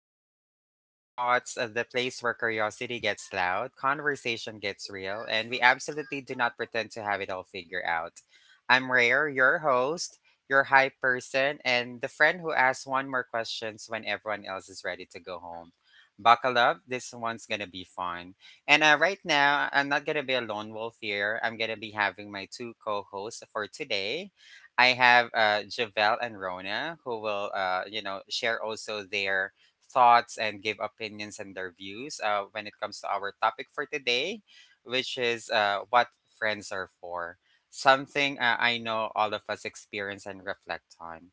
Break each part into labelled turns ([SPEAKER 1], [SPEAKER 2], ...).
[SPEAKER 1] Welcome to Rare Thoughts, the place where curiosity gets loud, conversation gets real, and we absolutely do not pretend to have it all figured out. I'm Rare, your host, your hype person, and the friend who asks one more questions when everyone else is ready to go home. Buckle up, this one's gonna be fun. And right now, I'm not gonna be a lone wolf here. I'm gonna be having my two co hosts for today. I have Javel and Rona who will, you know, share also their thoughts and give opinions and their views when it comes to our topic for today, which is what friends are for. Something I know all of us experience and reflect on.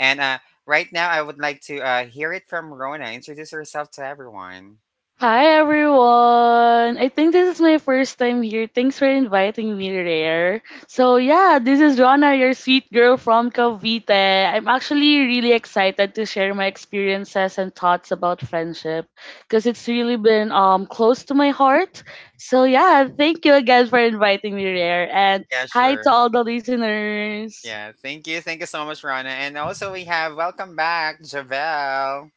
[SPEAKER 1] And right now, I would like to hear it from Rona. Introduce herself to everyone.
[SPEAKER 2] Hi everyone! I think this is my first time here. Thanks for inviting me, Rare. So yeah, this is Rona, your sweet girl from Cavite. I'm actually really excited to share my experiences and thoughts about friendship because it's really been close to my heart. So yeah, thank you again for inviting me, Rare. And
[SPEAKER 1] Yeah,
[SPEAKER 2] hi to
[SPEAKER 1] sure.
[SPEAKER 2] all the listeners.
[SPEAKER 1] Yeah, thank you. Thank you so much, Rana. And also, we have welcome back, Javel.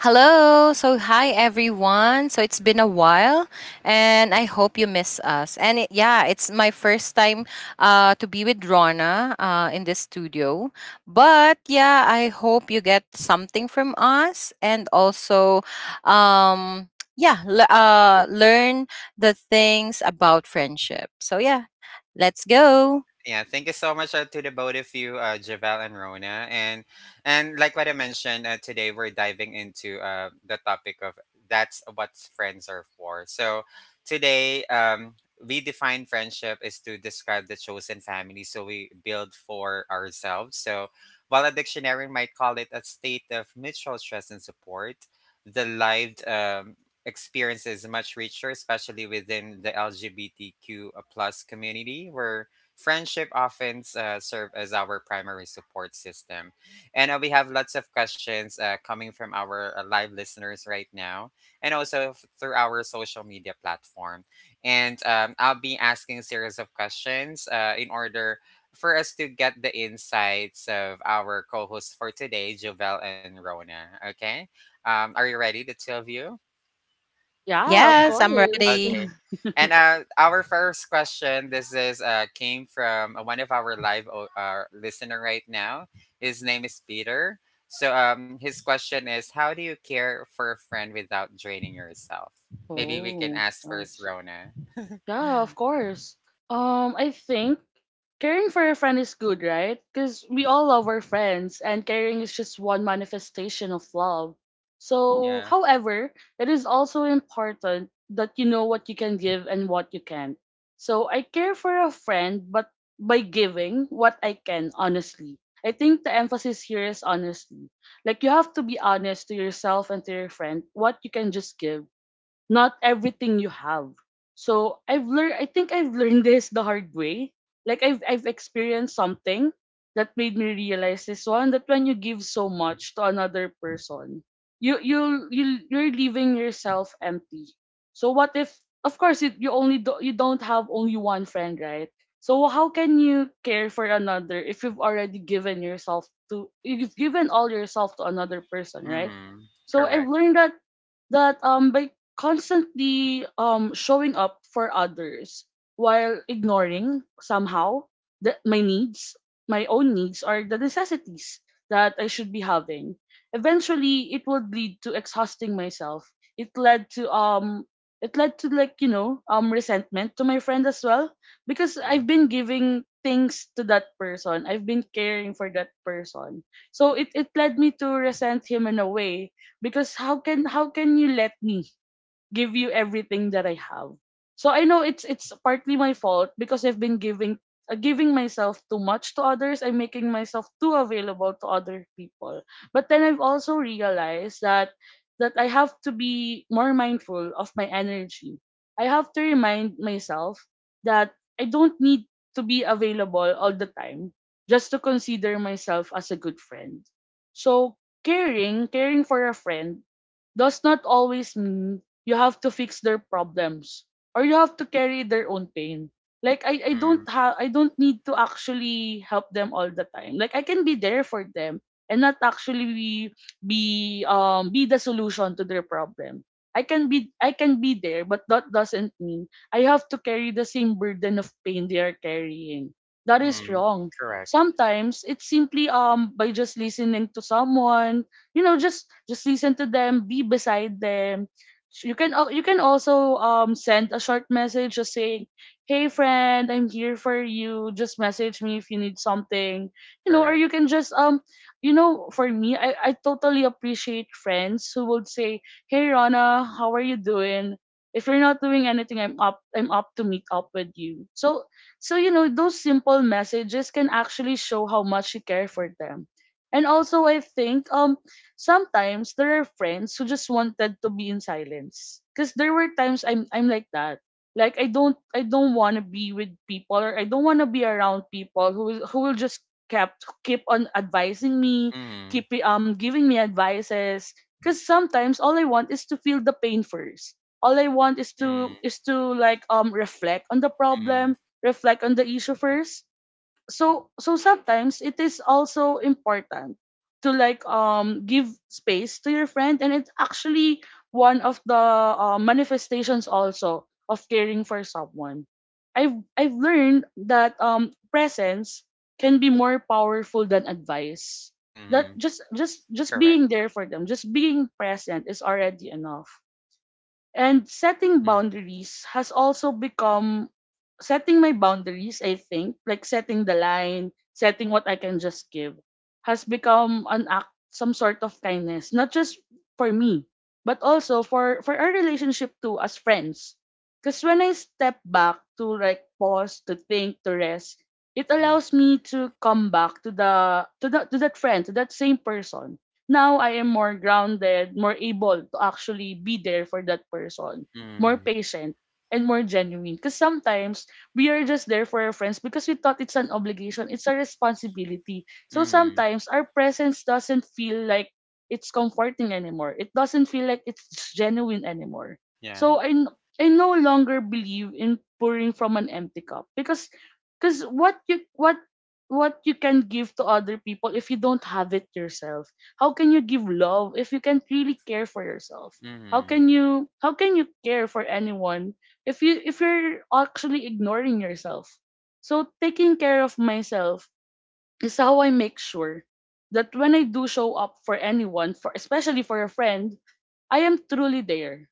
[SPEAKER 3] Hello. Hi everyone. So, it's been a while and I hope you miss us. And it's my first time to be with Rona in this studio. But yeah, I hope you get something from us and also, um, yeah, learn the things about friendship. So, yeah, let's go.
[SPEAKER 1] Yeah, thank you so much to the both of you Javel and Rona, and like what I mentioned, today we're diving into the topic of that's what friends are for. So today, we define friendship is to describe the chosen family so we build for ourselves. So while a dictionary might call it a state of mutual trust and support, the lived experience is much richer, especially within the LGBTQ plus community, where friendship often serve as our primary support system. And we have lots of questions coming from our live listeners right now, and also through our social media platform. And I'll be asking a series of questions in order for us to get the insights of our co-hosts for today, Jovel and Rona. Okay. Are you ready, the two of you?
[SPEAKER 2] Yeah, of
[SPEAKER 1] Yeah.
[SPEAKER 3] Yes, I'm
[SPEAKER 2] course.
[SPEAKER 3] ready.
[SPEAKER 1] Okay. And our first question, this is came from one of our live listener right now. His name is Peter. So his question is, how do you care for a friend without draining yourself? Maybe we can
[SPEAKER 2] Oh,
[SPEAKER 1] ask first,
[SPEAKER 2] right.
[SPEAKER 1] Rona.
[SPEAKER 2] Yeah, of course. I think caring for a friend is good, right? Because we all love our friends, and caring is just one manifestation of love. So,
[SPEAKER 1] Yeah.
[SPEAKER 2] however, it is also important that you know what you can give and what you can't. So, I care for a friend, but by giving what I can, honestly. I think the emphasis here is honestly. Like, you have to be honest to yourself and to your friend what you can just give, not everything you have. So I've learned, I think I've learned this the hard way. Like I've experienced something that made me realize this one, that when you give so much to another person, you're leaving yourself empty. So what if, of course, you don't have only one friend, right? So how can you care for another if you've given all yourself to another person, right?
[SPEAKER 1] Mm-hmm.
[SPEAKER 2] So I've
[SPEAKER 1] Correct.
[SPEAKER 2] learned that by constantly showing up for others while ignoring somehow that my own needs or the necessities that I should be having, eventually it would lead to exhausting myself. it led to um it led to like resentment to my friend as well, because
[SPEAKER 1] Mm-hmm.
[SPEAKER 2] I've been giving things to that person. I've been caring for that person. So it led me to resent him in a way, because how can you let me give you everything that I have. So I know it's partly my fault because I've been giving myself too much to others. I'm making myself too available to other people. But then I've also realized that I have to be more mindful of my energy. I have to remind myself that I don't need to be available all the time just to consider myself as a good friend. So caring for a friend does not always mean you have to fix their problems or you have to carry their own pain. Like i i
[SPEAKER 1] Mm-hmm.
[SPEAKER 2] don't have i don't need to actually help them all the time. Like I can be there for them and not actually be the solution to their problem. I can be there, but that doesn't mean I have to carry the same burden of pain they are carrying. That is
[SPEAKER 1] Mm-hmm.
[SPEAKER 2] wrong.
[SPEAKER 1] Correct.
[SPEAKER 2] Sometimes it's simply by just listening to someone. Just listen to them, be beside them. You can also send a short message just saying, "Hey, friend, I'm here for you. Just message me if you need something." you know or
[SPEAKER 1] Correct.
[SPEAKER 2] you can just you know For me, I totally appreciate friends who would say, "Hey, Rana, how are you doing? If you're not doing anything, I'm up to meet up with you." So those simple messages can actually show how much you care for them. And
[SPEAKER 1] Yeah.
[SPEAKER 2] also I think sometimes there are friends who just wanted to be in silence. Cause there were times I'm like that. Like I don't wanna be with people, or I don't wanna be around people who will just kept keep on advising me,
[SPEAKER 1] Mm-hmm.
[SPEAKER 2] keep giving me advices. Cause sometimes all I want is to feel the pain first. All I want is to
[SPEAKER 1] Mm-hmm.
[SPEAKER 2] like reflect on the
[SPEAKER 1] Mm-hmm.
[SPEAKER 2] problem, reflect on the issue first. So sometimes it is also important to like give space to your friend, and it's actually one of the manifestations also of caring for someone. I've learned that presence can be more powerful than advice, that
[SPEAKER 1] Mm-hmm.
[SPEAKER 2] just
[SPEAKER 1] Correct.
[SPEAKER 2] being there for them, just being present, is already enough. And setting
[SPEAKER 1] Mm-hmm.
[SPEAKER 2] boundaries has also become setting my boundaries, I think, like setting the line, setting what I can just give, has become an act, some sort of kindness, not just for me, but also for our relationship too as friends. Because when I step back to like pause, to think, to rest, it
[SPEAKER 1] Mm-hmm.
[SPEAKER 2] allows me to come back to that friend, to that same person. Now I am more grounded, more able to actually be there for that person, more
[SPEAKER 1] Mm-hmm.
[SPEAKER 2] patient, and more genuine. Because sometimes we are just there for our friends because we thought it's an obligation, it's a responsibility. So
[SPEAKER 1] Mm-hmm.
[SPEAKER 2] sometimes our presence doesn't feel like it's comforting anymore. It doesn't feel like it's genuine anymore.
[SPEAKER 1] Yeah.
[SPEAKER 2] So I no longer believe in pouring from an empty cup, because because what you what what you can give to other people if you don't have it yourself? How can you give love if you can't really care for yourself? how
[SPEAKER 1] Mm-hmm.
[SPEAKER 2] can you how can you care for anyone if you're actually ignoring yourself? So taking care of myself is how I make sure that when I do show up for anyone, for especially for a friend, I am truly there,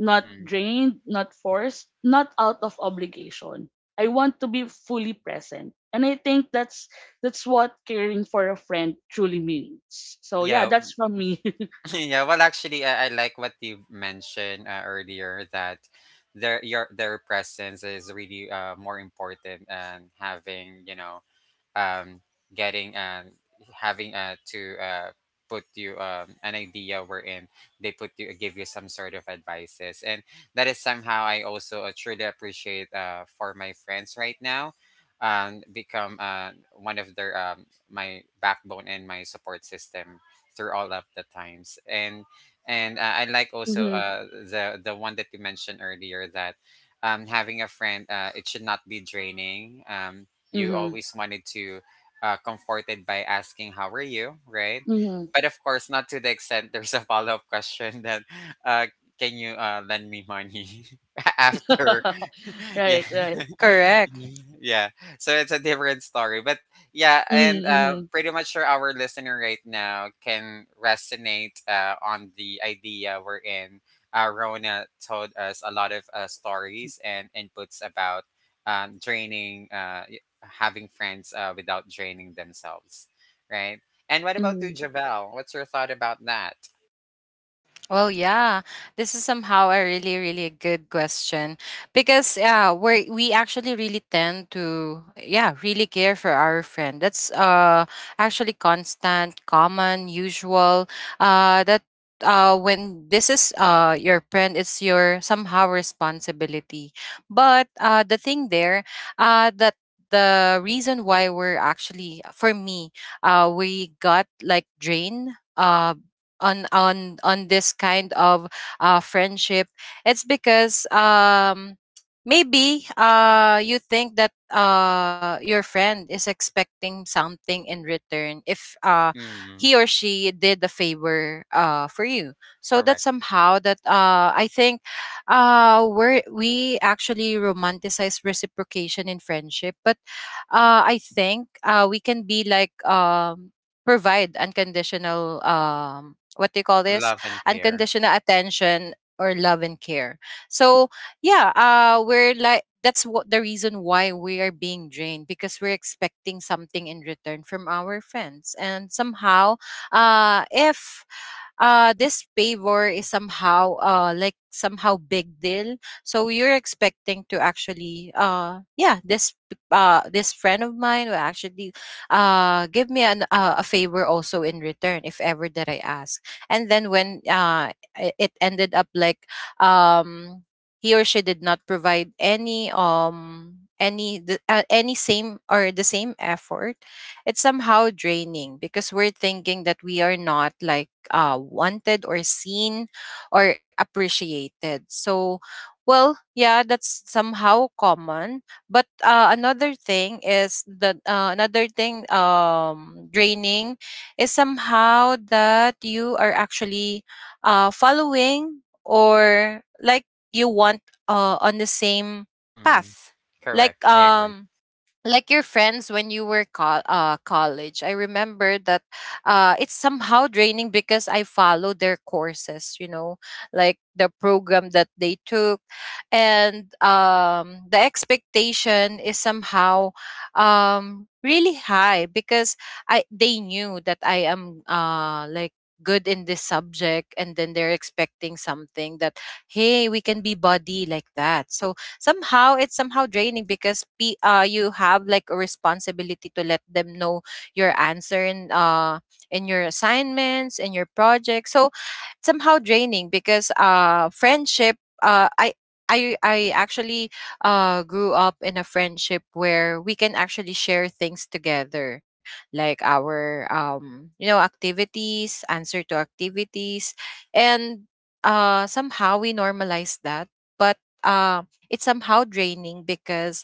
[SPEAKER 2] not
[SPEAKER 1] Hmm.
[SPEAKER 2] drained, not forced, not out of obligation. I want to be fully present. And I think that's what caring for a friend truly means. So yeah,
[SPEAKER 1] yeah,
[SPEAKER 2] that's from me.
[SPEAKER 1] yeah. Well, actually, I like what you mentioned earlier that their presence is really more important, and having you know um, getting having to put you an idea wherein they put you give you some sort of advices. And that is somehow I also truly appreciate for my friends right now, become one of their my backbone and my support system through all of the times. And I like also
[SPEAKER 2] Mm-hmm,
[SPEAKER 1] the one that you mentioned earlier, that having a friend it should not be draining. You
[SPEAKER 2] mm-hmm,
[SPEAKER 1] always wanted to comforted by asking how are you, right?
[SPEAKER 2] mm-hmm.
[SPEAKER 1] But of course not to the extent there's a follow-up question that uh, can you lend me money after yeah
[SPEAKER 2] Right, right.
[SPEAKER 3] Correct.
[SPEAKER 1] yeah, so it's a different story. But yeah, and
[SPEAKER 2] Mm-hmm,
[SPEAKER 1] pretty much sure our listener right now can resonate on the idea we're in. Rona told us a lot of stories and inputs about draining having friends without draining themselves, right? And what
[SPEAKER 2] mm-hmm,
[SPEAKER 1] about you,
[SPEAKER 2] mm-hmm,
[SPEAKER 1] Javel? What's your thought about that?
[SPEAKER 3] Well, yeah, this is somehow a really, really good question because yeah, we actually really tend to yeah really care for our friend. That's actually constant, common, usual. That when this is your friend, it's your somehow responsibility. But the thing there, that the reason why we're actually for me, we got like drained. On this kind of friendship, it's because maybe you think that your friend is expecting something in return if
[SPEAKER 1] mm,
[SPEAKER 3] he or she did a favor for you, so that
[SPEAKER 1] correct.
[SPEAKER 3] somehow that I think we actually romanticize reciprocation in friendship. But I think we can be like provide unconditional, what do you call this,
[SPEAKER 1] Love and care.
[SPEAKER 3] unconditional attention or love and care. So yeah, we're like, that's what the reason why we are being drained, because we're expecting something in return from our friends. And somehow, if this pay war is somehow like somehow big deal, so you're expecting to actually yeah, this friend of mine will actually give me an a favor also in return if ever that I ask. And then when it ended up like, um he or she did not provide any, any same or the same effort. It's somehow draining because we're thinking that we are not like wanted or seen or appreciated. So, well, yeah, that's somehow common. But another thing is that another thing, draining, is somehow that you are actually following or like you want on the same
[SPEAKER 1] mm,
[SPEAKER 3] path. Like
[SPEAKER 1] correct. I agree.
[SPEAKER 3] um like your friends when you were college. I remember that it's somehow draining because I follow their courses, you know, like the program that they took. And the expectation is somehow really high because I they knew that I am like good in this subject, and then they're expecting something that hey, we can be buddy like that. So somehow it's somehow draining because p you have like a responsibility to let them know your answer in your assignments, in your projects. So somehow draining because friendship, uh i I actually grew up in a friendship where we can actually share things together, like our, you know, activities, answer to activities. And somehow we normalize that, but uh, it's somehow draining because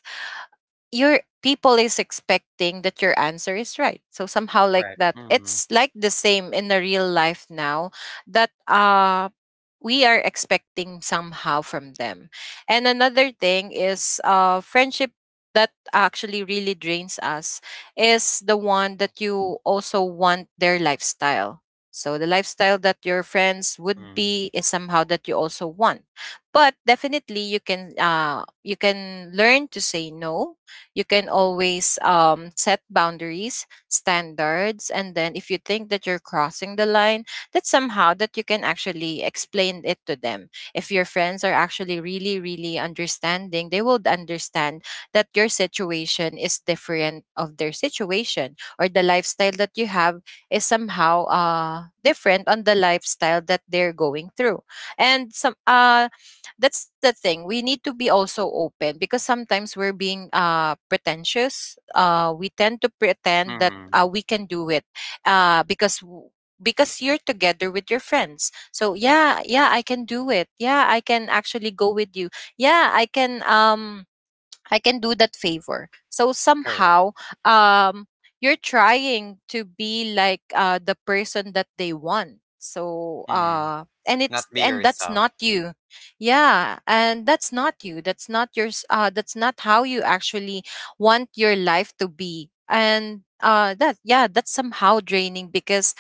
[SPEAKER 3] your people is expecting that your answer is right. So somehow like
[SPEAKER 1] Correct.
[SPEAKER 3] that, it's like the same in the real life now that we are expecting somehow from them. And another thing is friendship that actually really drains us is the one that you also want their lifestyle. So the lifestyle that your friends would
[SPEAKER 1] Mm,
[SPEAKER 3] be is somehow that you also want. But definitely you can, you can learn to say no. You can always set boundaries, standards, and then if you think that you're crossing the line, that somehow that you can actually explain it to them. If your friends are actually really, really understanding, they will understand that your situation is different of their situation, or the lifestyle that you have is somehow different on the lifestyle that they're going through. And some that's the thing, we need to be also open because sometimes we're being pretentious. We tend to pretend that
[SPEAKER 1] mm,
[SPEAKER 3] we can do it uh because w- because you're together with your friends. So yeah, yeah, I can do it, yeah, I can actually go with you, yeah, I can I can do that favor. So
[SPEAKER 1] correct.
[SPEAKER 3] somehow, um, you're trying to be like the person that they want. So
[SPEAKER 1] Mm,
[SPEAKER 3] and
[SPEAKER 1] not
[SPEAKER 3] it's
[SPEAKER 1] be
[SPEAKER 3] and that's
[SPEAKER 1] yourself.
[SPEAKER 3] not you. Yeah, and that's not you. That's not how you actually want your life to be. And that yeah, that's somehow draining because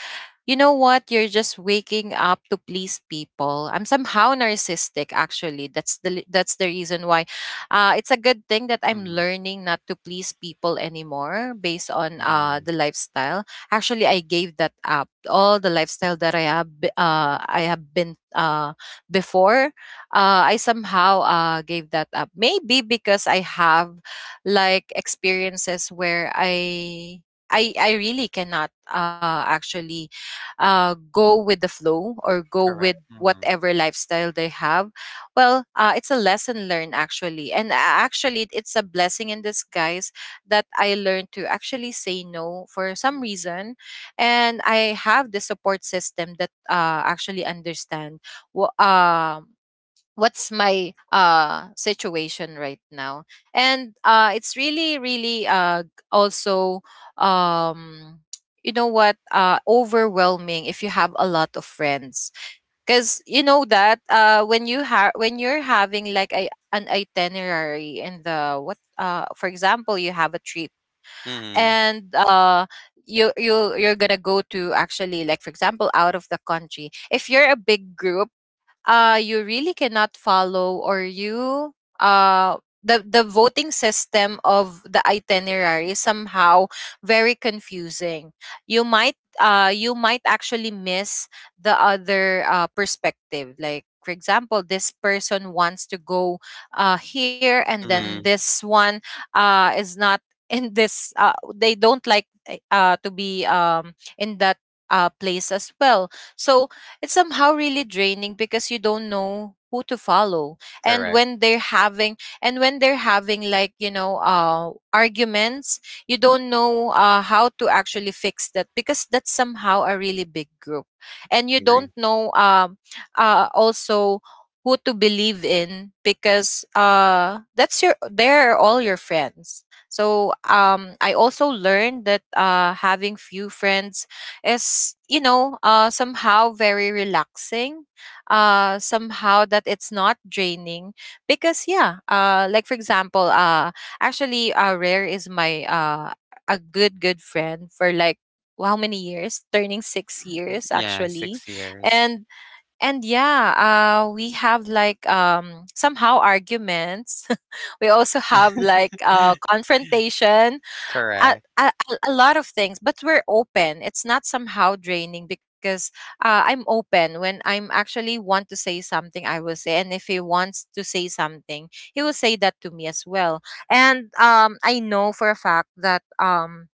[SPEAKER 3] you know what? You're just waking up to please people. I'm somehow narcissistic, actually. That's the reason why. It's a good thing that I'm
[SPEAKER 1] Mm,
[SPEAKER 3] learning not to please people anymore based on
[SPEAKER 1] mm,
[SPEAKER 3] the lifestyle. Actually, I gave that up. All the lifestyle that I have, I have been before, I somehow gave that up. Maybe because I have like experiences where I really cannot actually go with the flow or go
[SPEAKER 1] correct.
[SPEAKER 3] with whatever lifestyle they have. Well it's a lesson learned actually, and actually it's a blessing in disguise that I learned to actually say no for some reason. And I have the support system that actually understand what what's my situation right now. And it's really really also, um you know what, overwhelming if you have a lot of friends, because you know that when you have when you're having like a an itinerary in the what, for example you have a trip.
[SPEAKER 1] Mm,
[SPEAKER 3] And you're gonna go to actually, like for example out of the country, if you're a big group, you really cannot follow, or you uh the voting system of the itinerary is somehow very confusing. You might you might actually miss the other perspective. Like for example, this person wants to go here, and then
[SPEAKER 1] mm,
[SPEAKER 3] this one is not in this, they don't like to be in that place as well. So it's somehow really draining because you don't know who to follow. And
[SPEAKER 1] correct.
[SPEAKER 3] when they're having like, you know, arguments, you don't know how to actually fix that, because that's somehow a really big group. And
[SPEAKER 1] I
[SPEAKER 3] you
[SPEAKER 1] agree.
[SPEAKER 3] don't know, also, who to believe in, because that's your they're all your friends. So I also learned that having few friends is, you know, somehow very relaxing. Somehow that it's not draining because yeah, like for example, actually Rare is my a good friend for like how many years, turning 6 years
[SPEAKER 1] Yeah,
[SPEAKER 3] actually.
[SPEAKER 1] 6 years.
[SPEAKER 3] and and yeah, we have like somehow arguments we also have like confrontations, a,
[SPEAKER 1] Correct.
[SPEAKER 3] a, a a lot of things, but we're open. It's not somehow draining because I'm open. When I'm actually want to say something, I will say, and if he wants to say something, he will say that to me as well. And I know for a fact that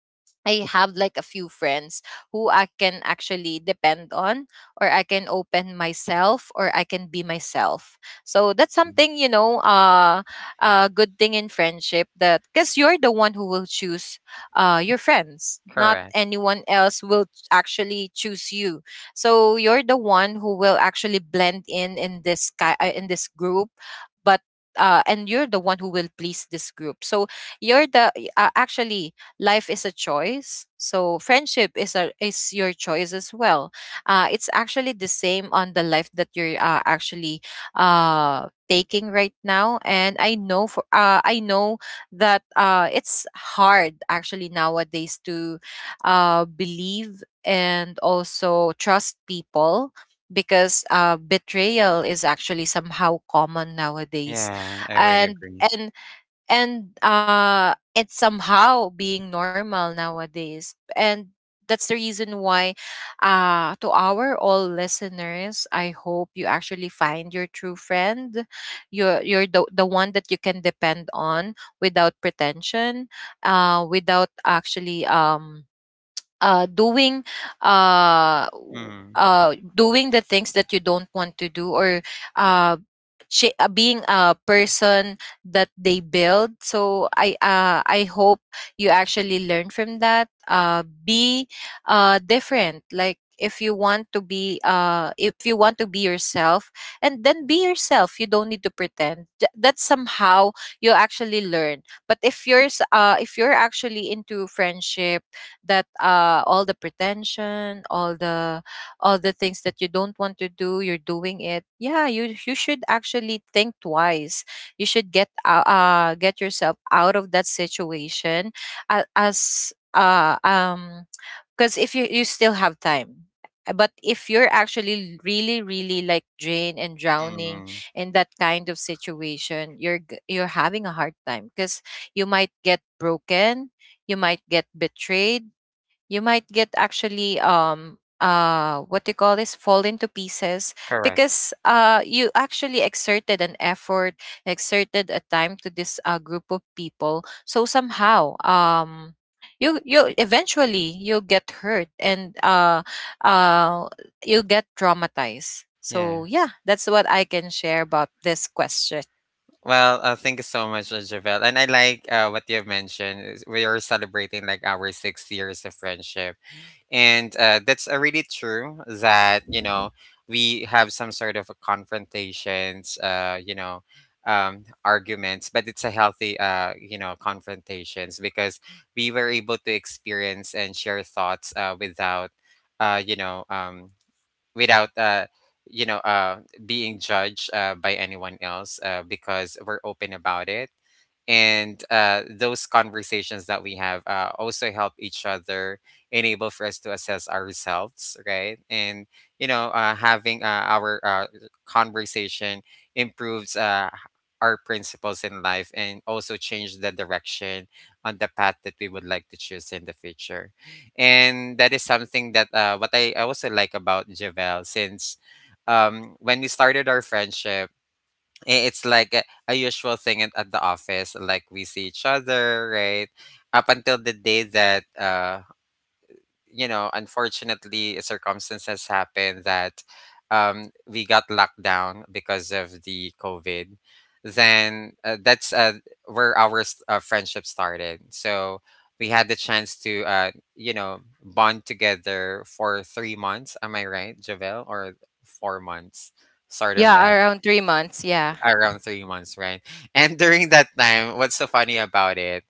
[SPEAKER 3] I have like a few friends who I can actually depend on, or I can open myself, or I can be myself. So that's
[SPEAKER 1] Mm,
[SPEAKER 3] something, you know, a good thing in friendship, that because you're the one who will choose your friends, not
[SPEAKER 1] correct.
[SPEAKER 3] anyone else will actually choose you. So you're the one who will actually blend in this in this group. But and you're the one who will please this group. So you're the actually life is a choice. So friendship is a is your choice as well. It's actually the same on the life that you're actually taking right now. And I know for I know that it's hard actually nowadays to believe and also trust people because betrayal is actually somehow common nowadays
[SPEAKER 1] Yeah, I really
[SPEAKER 3] and
[SPEAKER 1] agree.
[SPEAKER 3] and and it's somehow being normal nowadays, and that's the reason why to our all listeners, I hope you actually find your true friend. You're the one that you can depend on without pretension, without actually doing
[SPEAKER 1] Mm,
[SPEAKER 3] doing the things that you don't want to do, or uh, being a person that they build. So I hope you actually learn from that. Be different. Like if you want to be if you want to be yourself, and then be yourself. You don't need to pretend. That's somehow you actually learn. But if you're if you're actually into friendship, that all the pretension, all the, all the things that you don't want to do, you're doing it, yeah, you should actually think twice. You should get yourself out of that situation as because if you still have time. But if you're actually really really like drained and drowning
[SPEAKER 1] mm,
[SPEAKER 3] in that kind of situation, you're having a hard time because you might get broken, you might get betrayed, you might get actually what do you call this, fall into pieces
[SPEAKER 1] correct.
[SPEAKER 3] because you actually exerted an effort, exerted a time to this group of people, so somehow you eventually you'll get hurt, and uh you'll get traumatized.
[SPEAKER 1] Yeah.
[SPEAKER 3] So yeah, that's what I can share about this question.
[SPEAKER 1] Well, thank you so much, Javelle. And I like what you have mentioned. Is We are celebrating like our 6 years of friendship. And that's really true that you know we have some sort of a confrontations, you know, arguments, but it's a healthy, you know, confrontations, because we were able to experience and share thoughts without you know without you know being judged by anyone else, because we're open about it. And those conversations that we have also help each other, enable for us to assess ourselves, right? And you know, having our conversation improves our principles in life and also change the direction on the path that we would like to choose in the future. And that is something that what I also like about Javel. Since when we started our friendship, it's like a usual thing at the office like we see each other, right? Up until the day that you know, unfortunately, circumstances happened that we got locked down because of the COVID. Then that's where our friendship started. So we had the chance to, you know, bond together for 3 months. Am I right, Javel? Or 4 months, sort of
[SPEAKER 3] Yeah,
[SPEAKER 1] that,
[SPEAKER 3] around 3 months, yeah.
[SPEAKER 1] around 3 months, right? And during that time, what's so funny about it?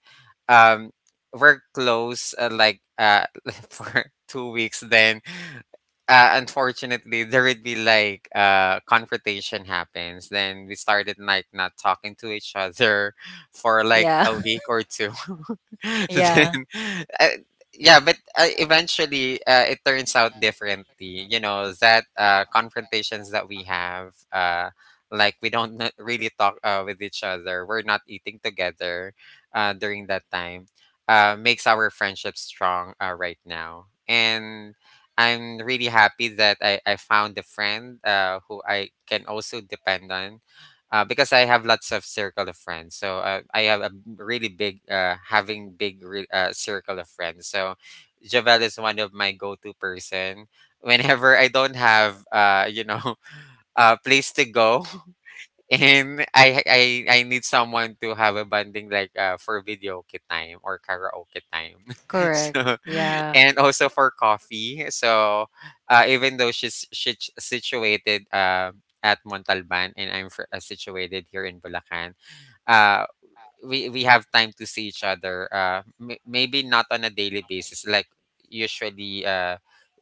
[SPEAKER 1] Um, we're close for 2 weeks. Then, unfortunately, there would be like confrontation happens. Then we started like not talking to each other for like
[SPEAKER 3] Yeah.
[SPEAKER 1] a week or two. so then,
[SPEAKER 3] Yeah.
[SPEAKER 1] uh, yeah, but eventually it turns out differently. You know that confrontations that we have, like we don't not really talk with each other. We're not eating together during that time. Makes our friendship strong right now, and I'm really happy that I found a friend who I can also depend on because I have lots of circle of friends. So I have a really big, circle of friends. So Javel is one of my go-to person. Whenever I don't have, you know, a place to go, and I need someone to have a bonding like for video time or karaoke time.
[SPEAKER 3] Correct.
[SPEAKER 1] so
[SPEAKER 3] Yeah.
[SPEAKER 1] and also for coffee. So even though she's situated at Montalban, and I'm situated here in Bulacan, uh, we have time to see each other maybe not on a daily basis like usually uh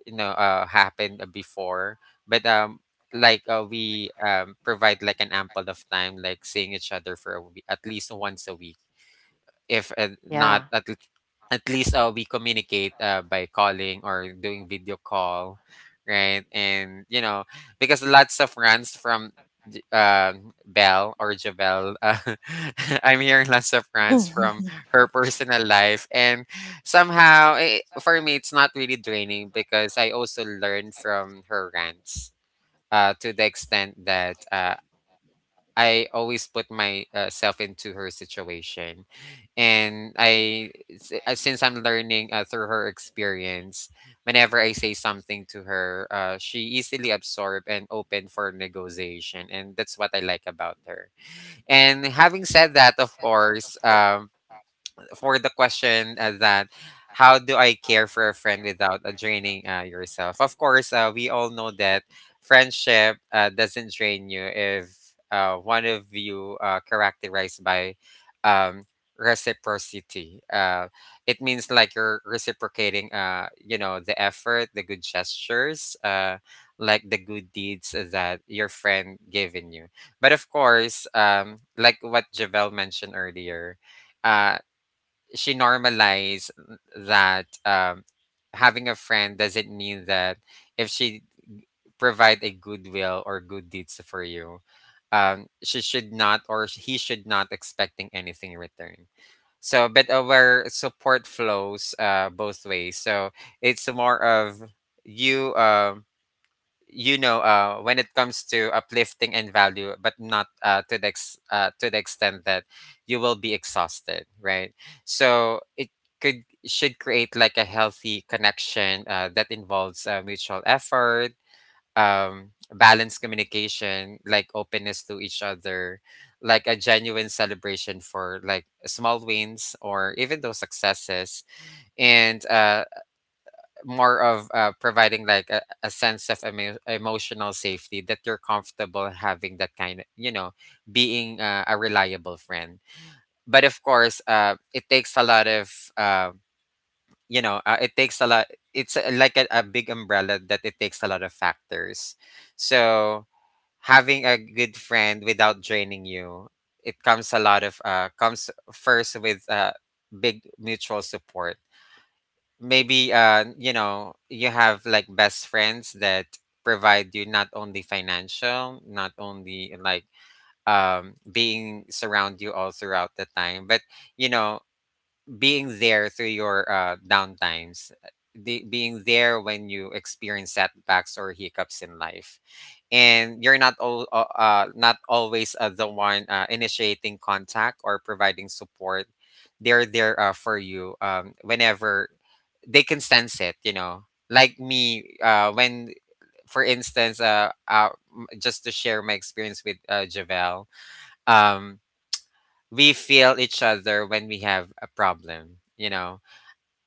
[SPEAKER 1] you know uh happened before, but like we provide like an ample of time, like seeing each other for a week, at least once a week. If
[SPEAKER 3] Yeah.
[SPEAKER 1] not at at least we communicate by calling or doing video call, right? And you know, because lots of runs from Belle or Javel, I'm hearing lots of runs from her personal life. And somehow for me it's not really draining, because I also learn from her rants to the extent that I always put myself into her situation. And since I'm learning through her experience, whenever I say something to her, she easily absorb and open for negotiation, and that's what I like about her. And having said that, of course, for the question that how do I care for a friend without draining yourself? Of course, we all know that friendship doesn't drain you if one of you characterized by um, reciprocity. It means like you're reciprocating, you know, the effort, the good gestures, like the good deeds that your friend given you. But of course, like what Javel mentioned earlier, uh, she normalized that having a friend doesn't mean that if she provide a goodwill or good deeds for you, she should not or he should not expecting anything in return. So, but our support flows both ways. So it's more of you, you know when it comes to uplifting and value, but not to the extent that you will be exhausted, right? So it could should create like a healthy connection that involves mutual effort, balanced communication, like openness to each other, like a genuine celebration for like small wins or even those successes. And more of providing like a sense of emotional safety that you're comfortable having that kind of, you know, being a reliable friend. But of course, it takes a lot of, it takes a lot. It's like a big umbrella that it takes a lot of factors. So, having a good friend without draining you, it comes a lot of, comes first with big mutual support. Maybe, you know, you have like best friends that provide you, not only financial, not only like being surround you all throughout the time, but, you know, being there through your downtimes, being there when you experience setbacks or hiccups in life, and you're not all not always the one initiating contact or providing support. They're there for you whenever they can sense it. You know, like me, when. For instance, just to share my experience with Javel, um, we feel each other when we have a problem, you know.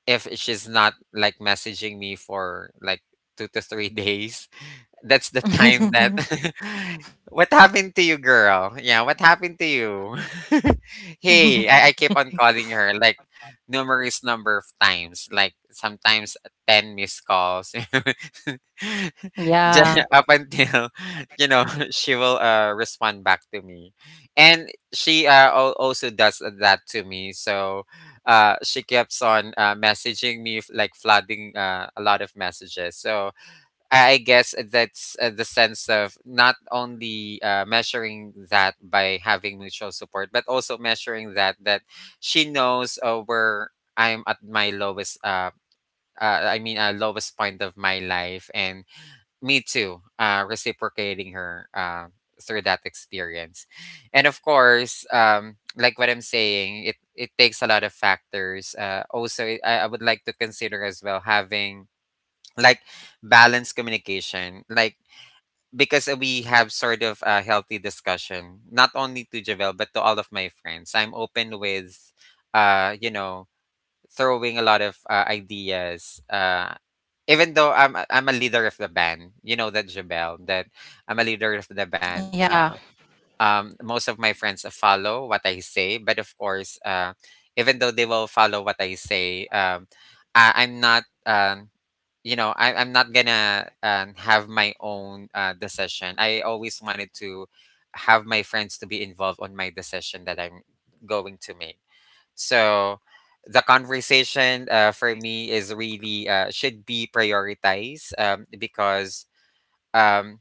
[SPEAKER 1] If she's not like messaging me for like two to three days, that's the time that what happened to you, girl? Yeah, what happened to you? Hey, I keep on calling her like numerous number of times, like sometimes 10 missed calls.
[SPEAKER 3] Yeah.
[SPEAKER 1] Just up until, you know, she will respond back to me. And she also does that to me. So, she keeps on messaging me, like flooding a lot of messages. So I guess that's the sense of not only measuring that by having mutual support, but also measuring that she knows where I'm at my lowest. I mean, lowest point of my life, and me too. Reciprocating her through that experience, and of course, like what I'm saying, it takes a lot of factors. Also, I would like to consider as well having like balanced communication, like, because we have sort of a healthy discussion, not only to Javel but to all of my friends. I'm open with, you know, throwing a lot of ideas. Even though I'm a leader of the band, you know that Javel that I'm a leader of the band.
[SPEAKER 3] Yeah.
[SPEAKER 1] Most of my friends follow what I say, but of course, even though they will follow what I say, I, I'm not, you know, I'm not gonna have my own decision. I always wanted to have my friends to be involved on my decision that I'm going to make. So the conversation for me is really should be prioritized, because um,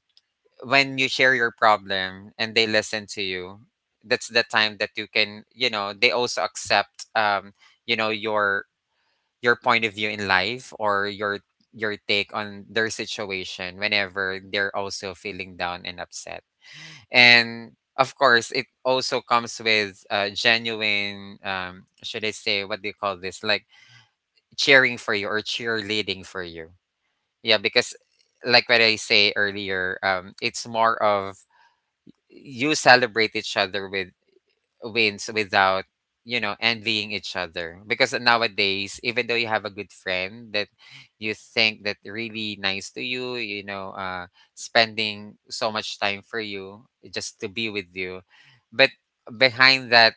[SPEAKER 1] when you share your problem and they listen to you, that's the time that you can, you know, they also accept, you know, your point of view in life or your take on their situation whenever they're also feeling down and upset. And of course, it also comes with genuine, should I say, what do you call this, like cheering for you or cheerleading for you. Yeah, because like what I say earlier, it's more of you celebrate each other with wins, without, you know, envying each other. Because nowadays, even though you have a good friend that you think that really nice to you, you know, spending so much time for you just to be with you, but behind that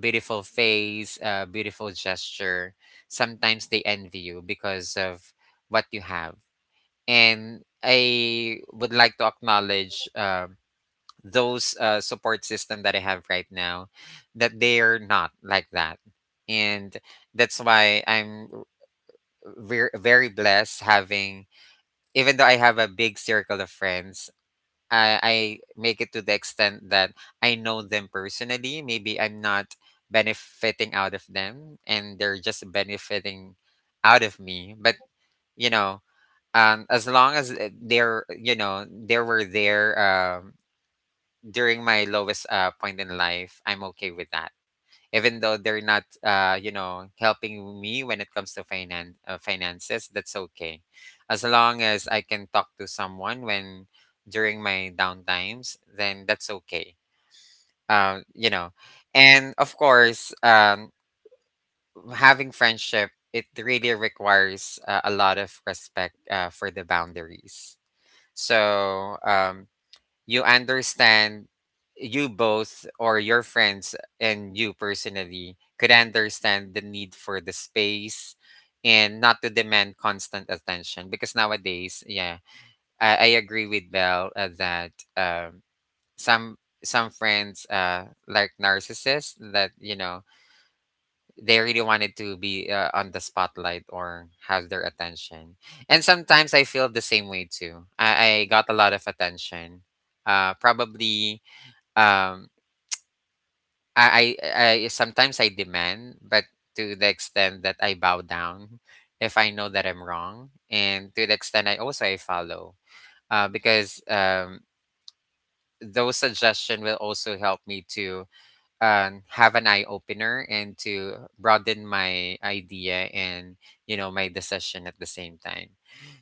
[SPEAKER 1] beautiful face, beautiful gesture, sometimes they envy you because of what you have. And I would like to acknowledge those support system that I have right now, that they're not like that. And that's why I'm very, very blessed having, even though I have a big circle of friends, I make it to the extent that I know them personally. Maybe I'm not benefiting out of them and they're just benefiting out of me. But, you know, as long as they're, you know, they were there during my lowest point in life, I'm okay with that. Even though they're not, you know, helping me when it comes to finances, that's okay. As long as I can talk to someone when during my down times, then that's okay. You know, and of course, having friendship, it really requires a lot of respect for the boundaries. So, you understand, you both or your friends and you personally could understand the need for the space and not to demand constant attention. Because nowadays, yeah, I agree with Bell that, some some friends like narcissists, that, you know, they really wanted to be on the spotlight or have their attention. And sometimes I feel the same way too. I got a lot of attention, probably. um I sometimes I demand, but to the extent that I bow down if I know that I'm wrong, and to the extent I also I follow, because those suggestions will also help me to have an eye opener and to broaden my idea and, you know, my decision at the same time.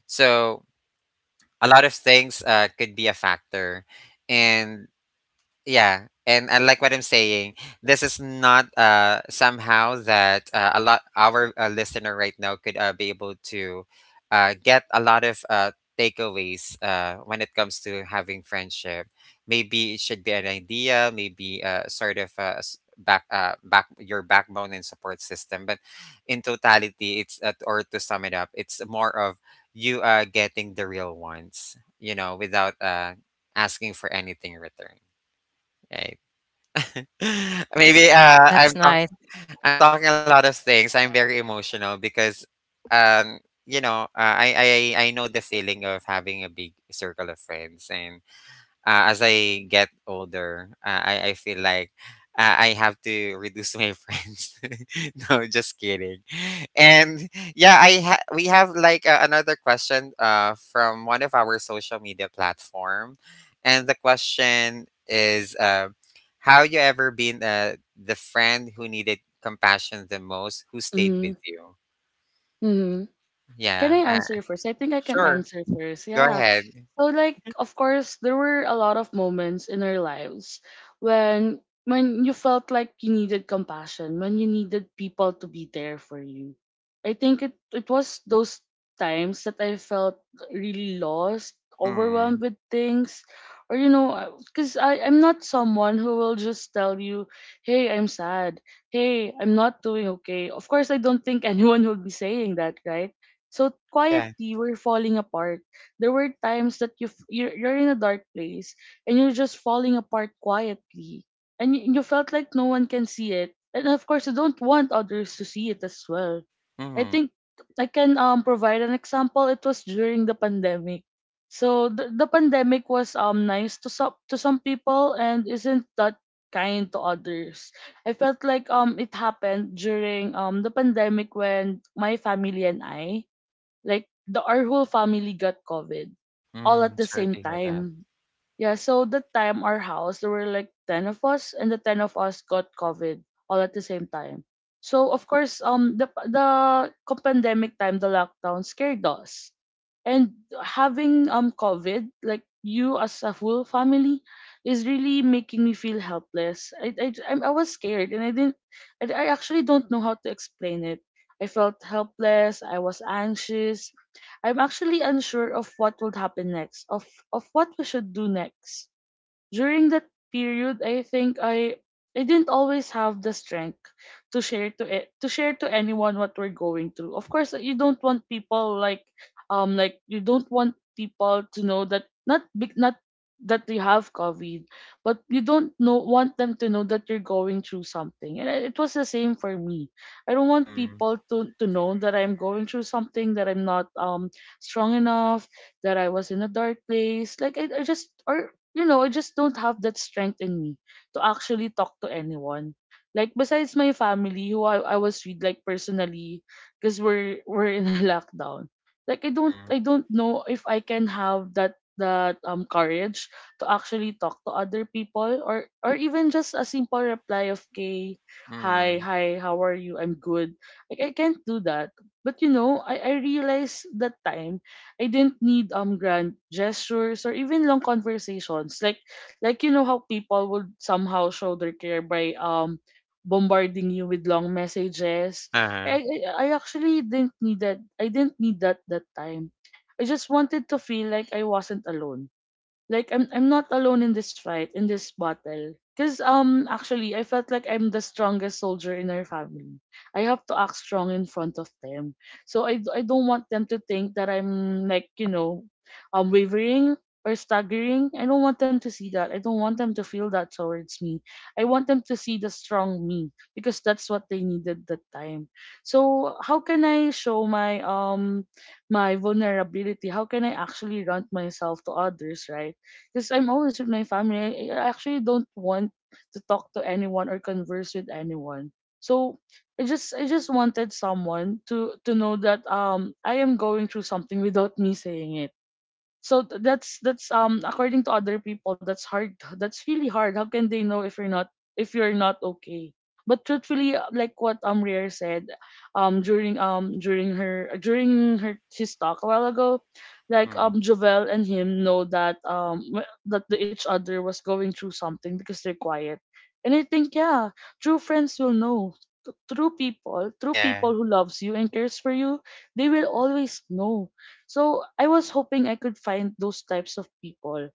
[SPEAKER 1] So a lot of things could be a factor. And yeah, and I like what I'm saying, this is not somehow that a lot our listener right now could be able to get a lot of takeaways when it comes to having friendship. Maybe it should be an idea, maybe sort of back your backbone and support system. But in totality, it's, or to sum it up, it's more of you getting the real ones, you know, without asking for anything in return, right? Maybe,
[SPEAKER 3] That's nice.
[SPEAKER 1] I'm talking a lot of things. I'm very emotional because, um, you know, I know the feeling of having a big circle of friends. And as I get older, I feel like I have to reduce my friends. No, just kidding. And yeah, we have like another question from one of our social media platform, and the question is, how you ever been the friend who needed compassion the most, who stayed
[SPEAKER 2] mm-hmm.
[SPEAKER 1] with you?
[SPEAKER 2] Mm-hmm. Can
[SPEAKER 1] Yeah,
[SPEAKER 2] I answer first? I think I can
[SPEAKER 1] sure.
[SPEAKER 2] answer first.
[SPEAKER 1] Go
[SPEAKER 2] Yeah.
[SPEAKER 1] ahead.
[SPEAKER 2] So, like, of course there were a lot of moments in our lives when when you felt like you needed compassion, when you needed people to be there for you. I think it was those times that I felt really lost, overwhelmed
[SPEAKER 1] Mm,
[SPEAKER 2] with things, or cuz I'm not someone who will just tell you, "Hey, I'm sad. Hey, I'm not doing okay." Of course, I don't think anyone would be saying that, right? So
[SPEAKER 1] yeah.
[SPEAKER 2] quietly we're falling apart. There were times that you're in a dark place, and you're just falling apart quietly, and you felt like no one can see it, and of course you don't want others to see it as well. I
[SPEAKER 1] Mm,
[SPEAKER 2] think I can provide an example. It was during the pandemic. So the pandemic was nice to some, to some people, and isn't that kind to others. I felt like it happened during the pandemic when my family and I, like the our whole family, got COVID all at
[SPEAKER 1] mm,
[SPEAKER 2] the
[SPEAKER 1] sorry
[SPEAKER 2] same
[SPEAKER 1] to hear that.
[SPEAKER 2] time. Yeah, so that time our house, there were like 10 of us, and the 10 of us got COVID all at the same time. So of course, the pandemic time, the lockdown scared us, and having covid like you as a full family is really making me feel helpless. I was scared, and I didn't. I actually don't know how to explain it. I felt helpless. I was anxious. I'm actually unsure of what would happen next, of what we should do next. During that period, I think I didn't always have the strength to share to anyone what we're going through. Of course, you don't want people to know that not big not that you have COVID, but you don't know want them to know that you're going through something. And it was the same for me. I don't want
[SPEAKER 1] Hmm.
[SPEAKER 2] people to know that I'm going through something, that I'm not strong enough, that I was in a dark place. Like I just or you know, I just don't have that strength in me to actually talk to anyone. Like besides my family, who I was with like personally, because we're in a lockdown. Like I don't I
[SPEAKER 1] Mm,
[SPEAKER 2] don't know if I can have that courage to actually talk to other people, or even just a simple reply of K, hi,
[SPEAKER 1] mm,
[SPEAKER 2] hi, how are you? I'm good. Like I can't do that. But you know, I realized that time I didn't need grand gestures or even long conversations. Like you know how people would somehow show their care by bombarding you with long messages. I
[SPEAKER 1] uh-huh,
[SPEAKER 2] I I actually didn't need that. I didn't need that that time. I just wanted to feel like I wasn't alone, like I'm not alone in this fight, in this battle. Cause actually I felt like I'm the strongest soldier in our family. I have to act strong in front of them. So I don't want them to think that I'm like, you know, wavering or staggering. I don't want them to see that. I don't want them to feel that towards me. I want them to see the strong me because that's what they needed that time. So how can I show my my vulnerability? How can I actually rant myself to others, right? Because I'm always with my family. I actually don't want to talk to anyone or converse with anyone. So I just wanted someone to know that I am going through something without me saying so. That's according to other people, that's hard, that's really hard. How can they know if you're not, if you're not okay? But truthfully, like what Rare said um during her his talk a while ago, like
[SPEAKER 1] mm.
[SPEAKER 2] Jovel and him know that each other was going through something because they're quiet. And I think, yeah, true friends will know. T- true people
[SPEAKER 1] Ah,
[SPEAKER 2] true people
[SPEAKER 1] yeah.
[SPEAKER 2] who loves you and cares for you, they will always know. So I was hoping I could find those types of people.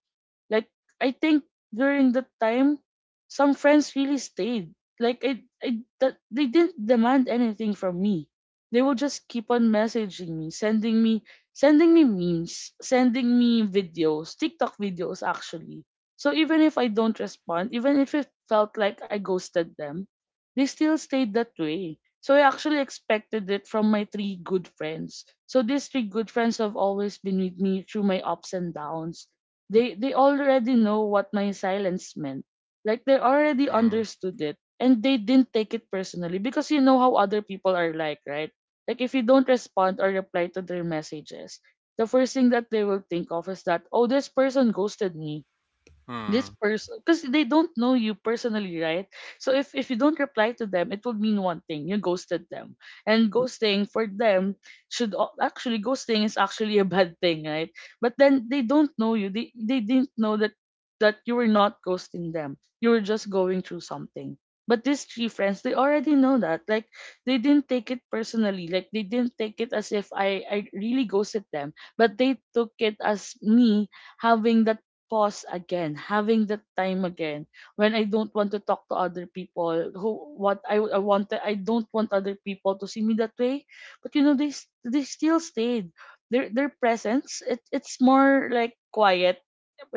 [SPEAKER 2] Like I think during that time, some friends really stayed. Like I that they didn't demand anything from me. They would just keep on messaging me, sending me memes, sending me videos, TikTok videos actually. So even if I don't respond, even if it felt like I ghosted them, they still stayed that way. So I actually expected it from my three good friends. So these three good friends have always been with me through my ups and downs. They already know what my silence meant. Like they already
[SPEAKER 1] Mm,
[SPEAKER 2] understood it, and they didn't take it personally because you know how other people are like, right? Like if you don't respond or reply to their messages, the first thing that they will think of is that, oh, this person ghosted me, this
[SPEAKER 1] mm.
[SPEAKER 2] person, because they don't know you personally, right? So if you don't reply to them, it would mean one thing: you ghosted them. And ghosting for them, should al- actually ghosting is actually a bad thing, right? But then they don't know you. They didn't know that that you were not ghosting them, you were just going through something. But these three friends, they already know that. Like they didn't take it personally, like they didn't take it as if I really ghosted them, but they took it as me having that pause again, having that time again when I don't want to talk to other people. Who what I wanted, I don't want other people to see me that way. But you know, they still stayed. Their presence, it's more like quiet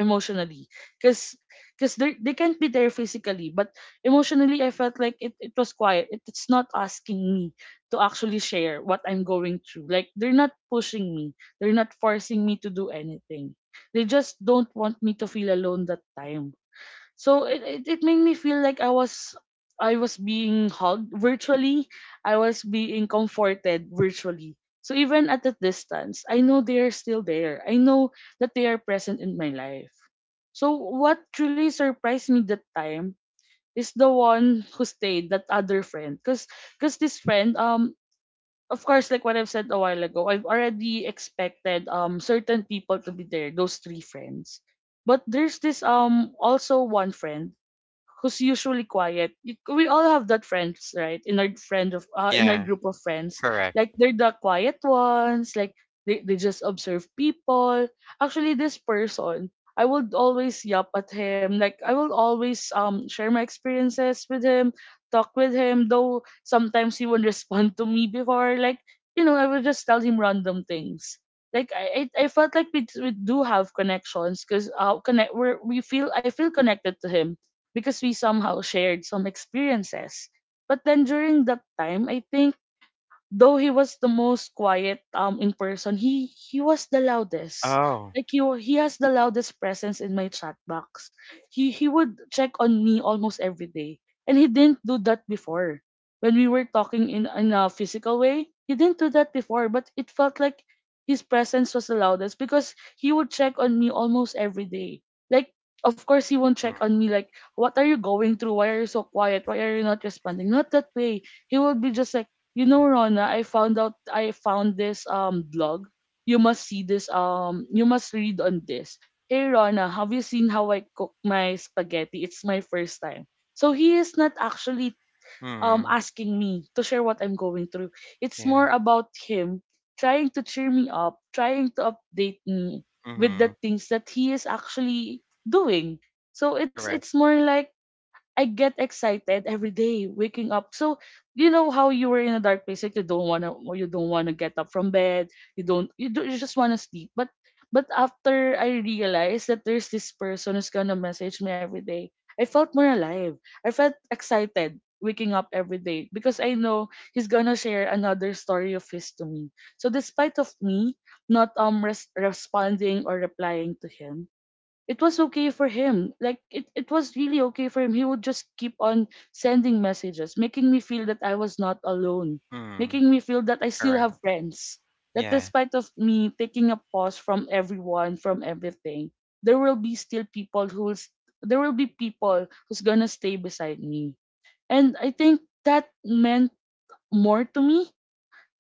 [SPEAKER 2] emotionally, because they can't be there physically, but emotionally I felt like it was quiet. It's not asking me to actually share what I'm going through. Like they're not pushing me, they're not forcing me to do anything. They just don't want me to feel alone that time. So it made me feel like I was being hugged virtually. I was being comforted virtually. So even at a distance, I know they are still there. I know that they are present in my life. So what truly surprised me that time is the one who stayed, that other friend. Cause this friend, of course, like what I've said a while ago, I've already expected certain people to be there, those three friends. But there's this also one friend who's usually quiet. We all have that friends, right? In our
[SPEAKER 1] Yeah,
[SPEAKER 2] group of friends,
[SPEAKER 1] correct.
[SPEAKER 2] like they're the quiet ones. Like they just observe people. Actually, this person, I would always yap at him. Like I will always share my experiences with him, talk with him, though sometimes he won't respond to me before. Like you know, I will just tell him random things. Like I felt like we do have connections because connect we feel I feel connected to him because we somehow shared some experiences. But then during that time, I think though he was the most quiet in person, he was the loudest.
[SPEAKER 1] Oh.
[SPEAKER 2] Like he has the loudest presence in my chat box. He would check on me almost every day, and he didn't do that before. When we were talking in a physical way, he didn't do that before, but it felt like his presence was the loudest because he would check on me almost every day. Like of course he won't
[SPEAKER 1] Mm,
[SPEAKER 2] check on me like, what are you going through? Why are you so quiet? Why are you not responding? Not that way. He will be just like, you know, Rona, I found this blog. You must see this, you must read on this. Hey Rona, have you seen how I cook my spaghetti? It's my first time. So he is not actually
[SPEAKER 1] mm.
[SPEAKER 2] asking me to share what I'm going through. It's more
[SPEAKER 1] Yeah.
[SPEAKER 2] about him trying to cheer me up, trying to update me with the
[SPEAKER 1] Mm-hmm.
[SPEAKER 2] things that he is actually doing. So it's
[SPEAKER 1] Correct.
[SPEAKER 2] more like I get excited every day waking up. So you know how you were in a dark place, like you don't wanna, or you don't wanna get up from bed. You don't, you, do, you just wanna sleep. But after I realized that there's this person who's gonna message me every day, I felt more alive. I felt excited waking up every day because I know he's gonna share another story of his to me. So despite of me not responding or replying to him, it was okay for him. Like it was really okay for him. He would just keep on sending messages, making me feel that I was not alone,
[SPEAKER 1] Mm,
[SPEAKER 2] making me feel that I still
[SPEAKER 1] correct.
[SPEAKER 2] have friends. That
[SPEAKER 1] Yeah.
[SPEAKER 2] despite of me taking a pause from everyone, from everything, there will be still people who will s- there will be people who's gonna stay beside me. And I think that meant more to me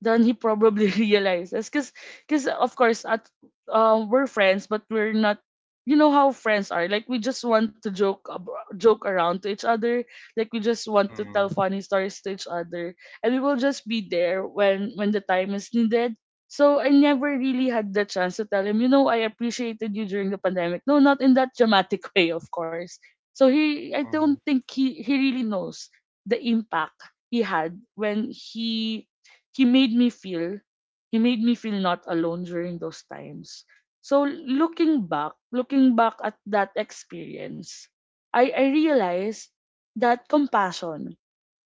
[SPEAKER 2] than he probably realizes. Cause of course, at we're friends, but we're not. You know how friends are. Like we just want to joke, joke around to each other. Like we just want to tell
[SPEAKER 1] Mm,
[SPEAKER 2] funny stories to each other, and we will just be there when the time is needed. So I never really had the chance to tell him, you know, I appreciated you during the pandemic. No, not in that dramatic way, of course. So I
[SPEAKER 1] correct.
[SPEAKER 2] don't
[SPEAKER 1] Mm,
[SPEAKER 2] think he really knows the impact he had when he made me feel he made me feel not alone during those times. So looking back at that experience, I realized that compassion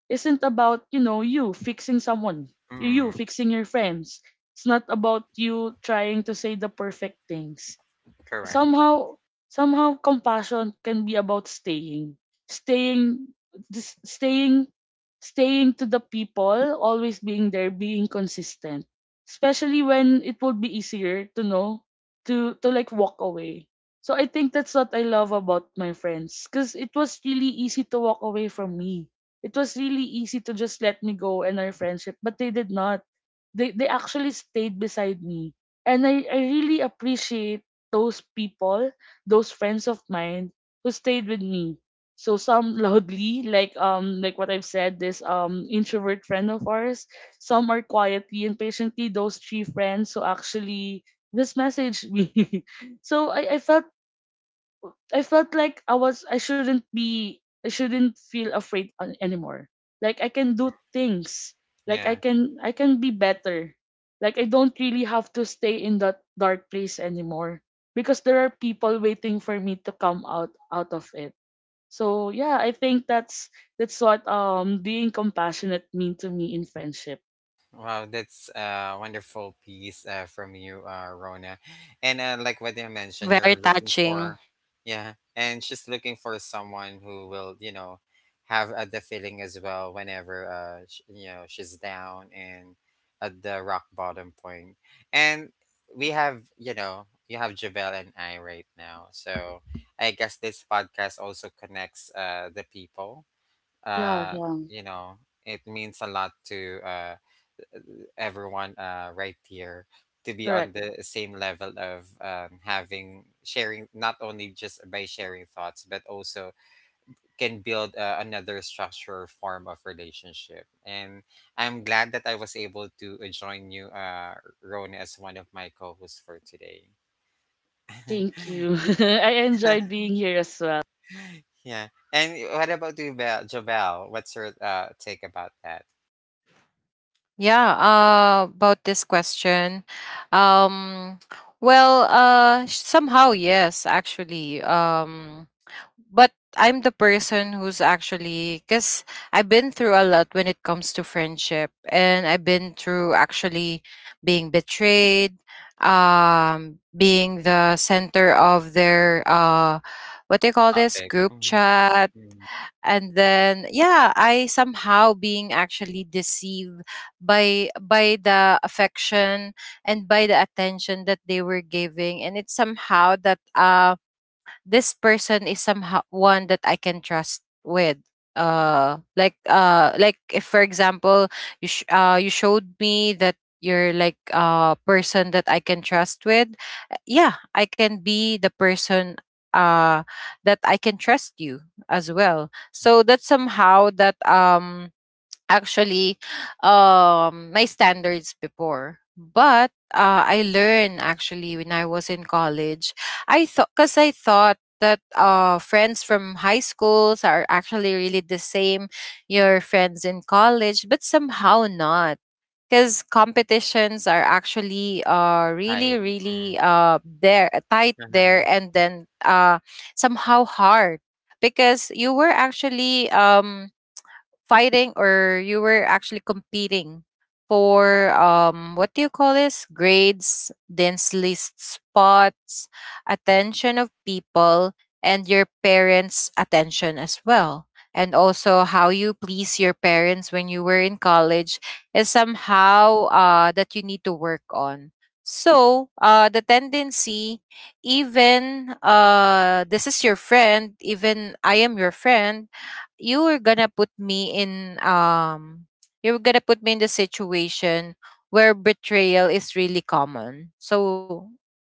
[SPEAKER 2] isn't about, you know, you fixing someone, you
[SPEAKER 1] mm.
[SPEAKER 2] fixing your friends. It's not about you trying to say the perfect things.
[SPEAKER 1] Correct.
[SPEAKER 2] somehow Somehow compassion can be about staying, staying this staying staying to the people, always being there, being consistent, especially when it would be easier to know, to like walk away. So I think that's what I love about my friends, because it was really easy to walk away from me. It was really easy to just let me go and our friendship, but they did not. They actually stayed beside me. And I really appreciate those people, those friends of mine who stayed with me. So some loudly, like what I've said, this introvert friend of ours. Some are quietly and patiently, those three friends who actually this messaged me. So I felt I shouldn't be, I shouldn't feel afraid anymore. Like I can do
[SPEAKER 1] Mm,
[SPEAKER 2] things. Like
[SPEAKER 1] yeah.
[SPEAKER 2] I can be better. Like I don't really have to stay in that dark place anymore because there are people waiting for me to come out of it. So yeah, I think that's what being compassionate mean to me in friendship.
[SPEAKER 1] Wow, that's a wonderful piece from you, Rona. And like what you mentioned,
[SPEAKER 3] Very
[SPEAKER 1] you're looking
[SPEAKER 3] touching.
[SPEAKER 1] for, yeah, and she's looking for someone who will, you know, have the feeling as well whenever, you know, she's down and at the rock bottom point. And we have, you know, you have Javel and I right now. So I guess this podcast also connects the people.
[SPEAKER 2] Yeah,
[SPEAKER 1] Uh,
[SPEAKER 2] yeah.
[SPEAKER 1] you know, it means a lot to. Everyone right here to be
[SPEAKER 2] Correct.
[SPEAKER 1] on the same level of having sharing, not only just by sharing thoughts, but also can build another structure or form of relationship. And I'm glad that I was able to join you, Ron, as one of my co-hosts for today.
[SPEAKER 2] Thank you. I enjoyed being here as well.
[SPEAKER 1] Yeah, and what about you, Jovel, what's your take about that
[SPEAKER 3] Yeah, about this question. Um, well, somehow, yes, actually. But I'm the person who's actually, because I've been through a lot when it comes to friendship, and I've been through actually being betrayed, being the center of their, what do you call this,
[SPEAKER 1] topic?
[SPEAKER 3] group
[SPEAKER 1] Mm,
[SPEAKER 3] chat.
[SPEAKER 1] mm.
[SPEAKER 3] And then yeah, I somehow being actually deceived by the affection and by the attention that they were giving, and it's somehow that this person is somehow one that I can trust with. Like if for example you showed me that you're like a person that I can trust with, yeah, I can be the person that I can trust you as well. So that's somehow that actually my standards before. But I learned actually when I was in college. I thought, because I thought that friends from high schools are actually really the same your friends in college, but somehow not because competitions are actually really
[SPEAKER 1] Right. Mm.
[SPEAKER 3] really there, tight there,
[SPEAKER 1] Uh-huh.
[SPEAKER 3] and then somehow hard because you were actually fighting, or you were actually competing for what do you call this, grades, dense list spots,
[SPEAKER 1] Sure.
[SPEAKER 3] attention of people, and your parents attention as well, and also how you please your parents when you were in college is somehow that you need to work on. So the tendency, even this is your friend, even I am your friend, you were gonna put me in you were gonna put me in the situation where betrayal is really common. So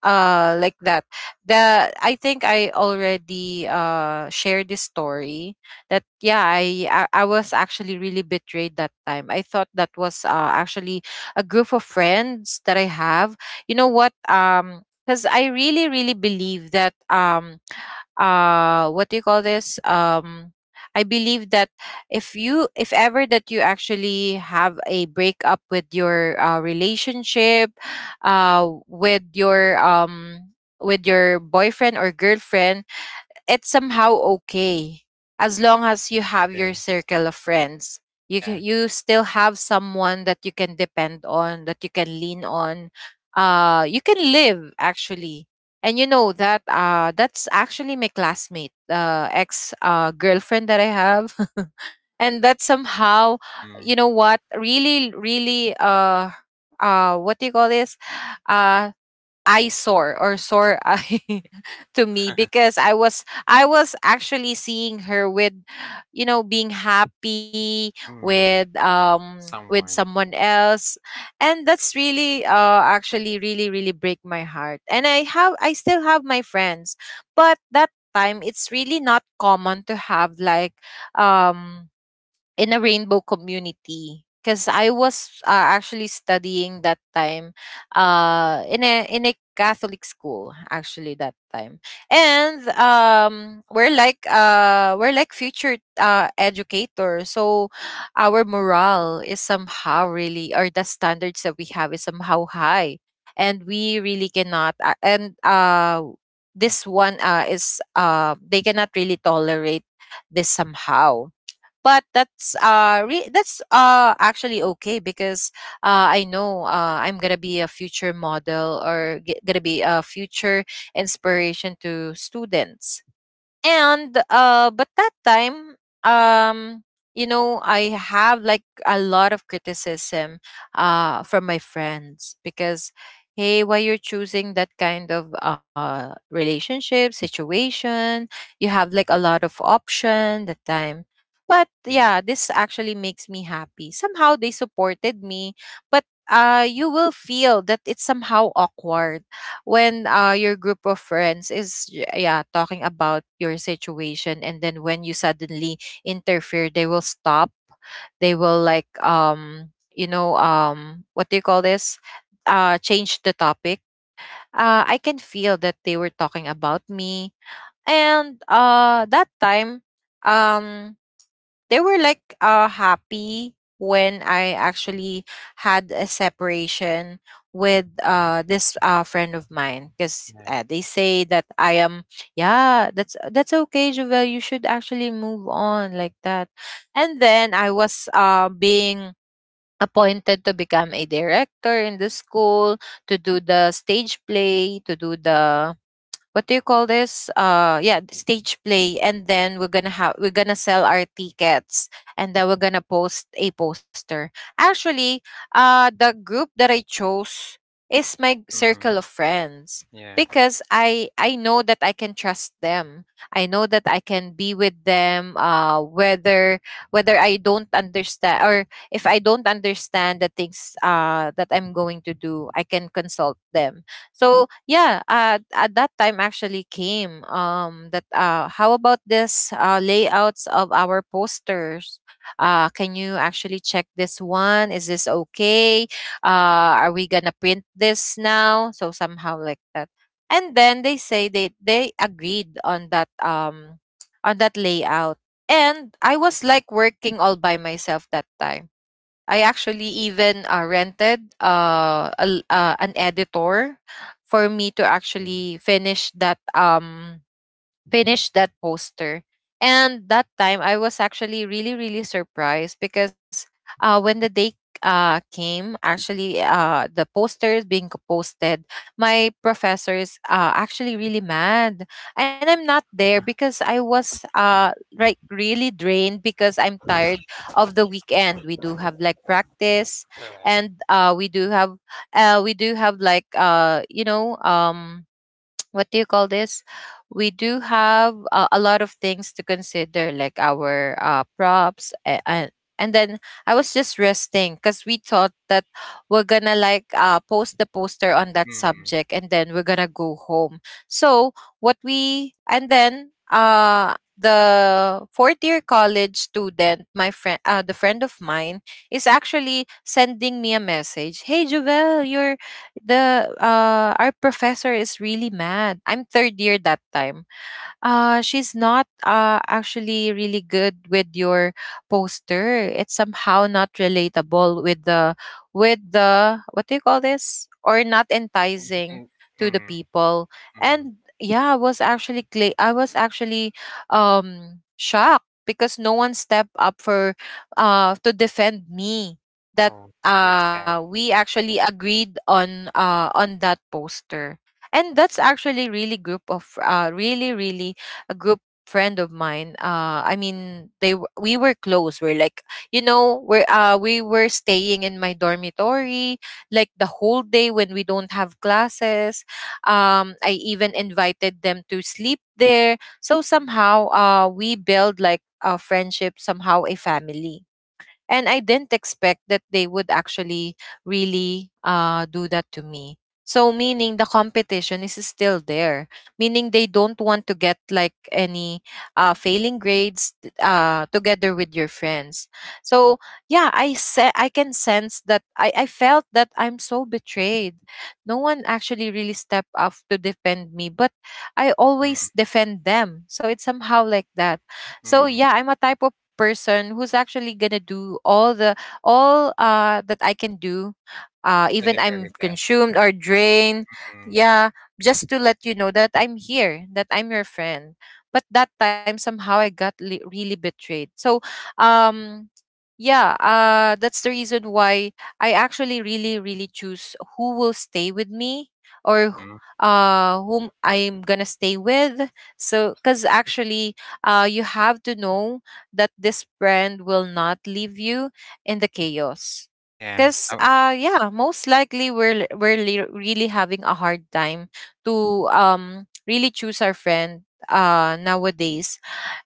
[SPEAKER 3] like that. The, I think I already shared this story that yeah, I was actually really betrayed that time. I thought that was actually a group of friends that I have. You know what? Because I really, really believe that what do you call this, I believe that if you, if ever that you actually have a breakup with your relationship uh with your um with your boyfriend or girlfriend, it's somehow okay as long as you
[SPEAKER 1] I
[SPEAKER 3] have your
[SPEAKER 1] agree.
[SPEAKER 3] circle of friends. You can,
[SPEAKER 1] Yeah.
[SPEAKER 3] you still have someone that you can depend on, that you can lean on, you can live actually. And you know that that's actually my classmate ex girlfriend that I have. And that somehow, you
[SPEAKER 1] Mm,
[SPEAKER 3] know what, really really what do you call this, uh eyesore or sore eye to me, because I was actually seeing her with, you know, being happy
[SPEAKER 1] mm.
[SPEAKER 3] with
[SPEAKER 1] Someone.
[SPEAKER 3] someone else. And that's really actually really really break my heart. And I still have my friends, but that time it's really not common to have like um in a rainbow community, because I was actually studying that time in a Catholic school actually that time. And we're like future educators, so our morale is somehow really, or the standards that we have is somehow high, and we really cannot, and this one is they cannot really tolerate this somehow. But that's that's actually okay because I know I'm gonna be a future model, or gonna be a future inspiration to students. And but that time, um you know, I have like a lot of criticism from my friends because, hey, why you're choosing that kind of relationship situation? You have like a lot of option that time. But
[SPEAKER 1] Mm,
[SPEAKER 3] yeah, this actually makes me happy, somehow they supported me. But you will feel that it's somehow awkward when your group of friends is yeah, talking about your situation, and then when you suddenly interfere, they will stop. They will like you know what do you call this, change the topic. I can feel that they were talking about me. And that time, um they were like happy when I actually had a separation with
[SPEAKER 1] mm,
[SPEAKER 3] this friend of mine because
[SPEAKER 1] yeah.
[SPEAKER 3] they say that I am, yeah, that's okay Jovel, you should actually move on, like that. And then I was being appointed to become a director in the school, to do the stage play, to do the, what do you call this, yeah, the stage play. And then we're gonna have, we're gonna sell our tickets, and then we're gonna post a poster actually. The group that I chose is my
[SPEAKER 1] Mm,
[SPEAKER 3] circle of friends
[SPEAKER 1] yeah.
[SPEAKER 3] because I know that I can trust them, I know that I can be with them, whether, whether I don't understand, or if I don't understand the things that I'm going to do, I can consult them. So yeah, at that time actually came that how about this layouts of our posters? Can you actually check this one? Is this okay? Are we gonna print this now? So somehow like that. And then they say they agreed on that on that layout. And I was like working all by myself that time. I actually even rented an editor for me to
[SPEAKER 1] Mm,
[SPEAKER 3] actually finish that finish that poster. And that time, I was actually really, really surprised because when the day came, actually, the posters being posted, my professor is actually really mad. And I'm not there because I was like really drained because I'm tired of the weekend. We do have like practice,
[SPEAKER 1] correct.
[SPEAKER 3] and we do have like you know what do you call this? We do have a lot of things to consider, like our props. And, then I was just resting because we thought that we're going to like post the poster on that
[SPEAKER 1] Mm,
[SPEAKER 3] subject, and then we're going to go home. So, what we, and then, the fourth year college student, my friend, the friend of mine is actually sending me a message: hey Jovel, your, the our professor is really mad. I'm third year that time. She's not actually really good with your poster. It's somehow not relatable with the, with the, what do you call this, or not
[SPEAKER 1] mm,
[SPEAKER 3] enticing
[SPEAKER 1] mm,
[SPEAKER 3] to the
[SPEAKER 1] mm.
[SPEAKER 3] people.
[SPEAKER 1] Mm.
[SPEAKER 3] And yeah, I was actually shocked because no one stepped up for to defend me that
[SPEAKER 1] Oh, that's sad.
[SPEAKER 3] we actually agreed on that poster. And that's actually really group of really really a group, friend of mine. They we were close. We're like, you know, we're we were staying in my dormitory like the whole day when we don't have classes. I even invited them to sleep there, so somehow we build like a friendship, somehow a family. And I didn't expect that they would actually really do that to me. So meaning the competition is still there, meaning they don't want to get like any failing grades together with your friends. So yeah, I can sense that, I felt that I'm so betrayed. No one actually really stepped up to defend me, but I
[SPEAKER 1] Mm,
[SPEAKER 3] always defend them. So it's somehow like that. So
[SPEAKER 1] mm.
[SPEAKER 3] yeah, I'm a type of person who's actually gonna do all the, all that I can do.
[SPEAKER 1] For
[SPEAKER 3] Even
[SPEAKER 1] the
[SPEAKER 3] I'm
[SPEAKER 1] very best,
[SPEAKER 3] consumed
[SPEAKER 1] right?
[SPEAKER 3] or drained.
[SPEAKER 1] Mm,
[SPEAKER 3] Yeah. Just to let you know that I'm here, that I'm your friend. But that time somehow I got really betrayed. So um yeah, that's the reason why I actually really, really choose who will stay with me, or
[SPEAKER 1] mm.
[SPEAKER 3] whom I'm gonna stay with. So cause actually you have to know that this brand will not leave you in the chaos.
[SPEAKER 1] Yeah.
[SPEAKER 3] Because
[SPEAKER 1] Oh,
[SPEAKER 3] yeah, most likely we're l- we're le- really having a hard time to really choose our friend nowadays.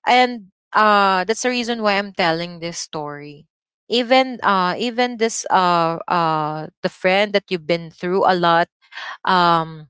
[SPEAKER 3] And that's the reason why I'm telling this story. Even
[SPEAKER 1] yeah.
[SPEAKER 3] even this the friend that you've been through a lot, um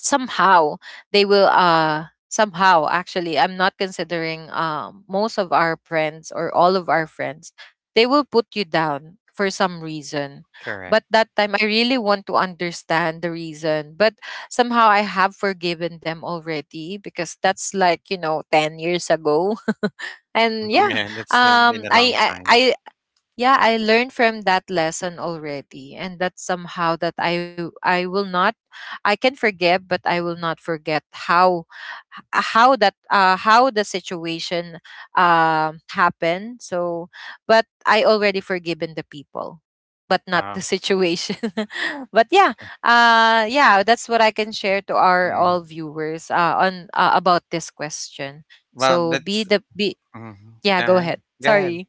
[SPEAKER 3] somehow they will somehow, actually I'm not considering most of our friends, or all of our friends, they will put you down for some reason.
[SPEAKER 1] Correct.
[SPEAKER 3] But that time I really want to understand the reason, but somehow I have forgiven them already because that's like, you know, 10 years ago.
[SPEAKER 1] Mm,
[SPEAKER 3] And yeah,
[SPEAKER 1] yeah. That's been a long
[SPEAKER 3] I
[SPEAKER 1] time.
[SPEAKER 3] yeah, I learned from that lesson already. And that somehow that I will not, I can forgive but I will not forget how, h- how that how the situation happened. So but I already forgiven the people, but not the
[SPEAKER 1] Wow.
[SPEAKER 3] situation. But yeah, yeah, that's what I can share to our
[SPEAKER 1] Mm.
[SPEAKER 3] all viewers on about this question.
[SPEAKER 1] Well,
[SPEAKER 3] So be
[SPEAKER 1] that's.
[SPEAKER 3] the be,
[SPEAKER 1] Mm,
[SPEAKER 3] yeah, go
[SPEAKER 1] uh-huh.
[SPEAKER 3] ahead,
[SPEAKER 1] Go ahead.
[SPEAKER 3] sorry.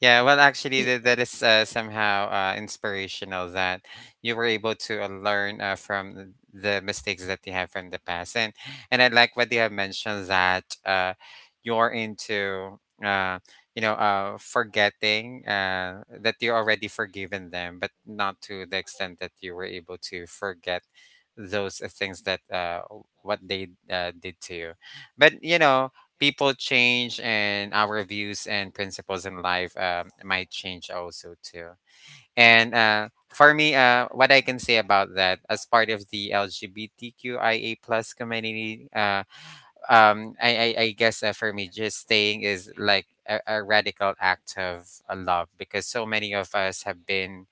[SPEAKER 1] Yeah, well, actually, that is
[SPEAKER 3] uh
[SPEAKER 1] somehow inspirational that you were able to learn from the mistakes that you have from the past. And I like what you have mentioned that you're into you know, forgetting that you already forgiven them, but not to the extent that you were able to forget those things that what they did to you. But you know, people change, and our views and principles in life, might change also too. And for me, what I can say about that, as part of the LGBTQIA plus community, I guess, for me, just staying is like a radical act of love, because so many of us have been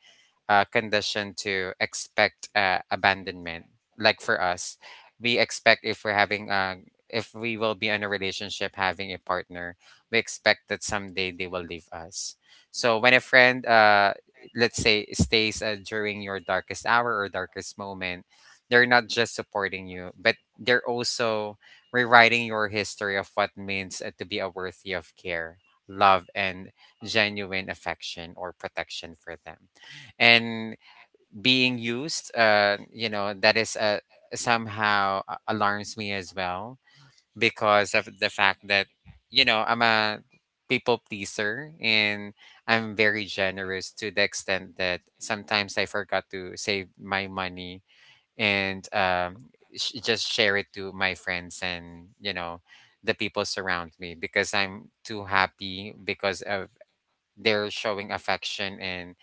[SPEAKER 1] conditioned to expect abandonment. Like for us, we expect if we're having if we will be in a relationship having a partner, we expect that someday they will leave us. So when a friend, let's say, stays during your darkest hour or darkest moment, they're not just supporting you, but they're also rewriting your history of what means to be a worthy of care, love, and genuine affection or protection for them. And being used, you know, that is, somehow alarms me as well, because of the fact that, you know, I'm a people pleaser, and I'm very generous to the extent that sometimes I forgot to save my money, and just share it to my friends, and, you know, the people surround me, because I'm too happy because of they're showing affection and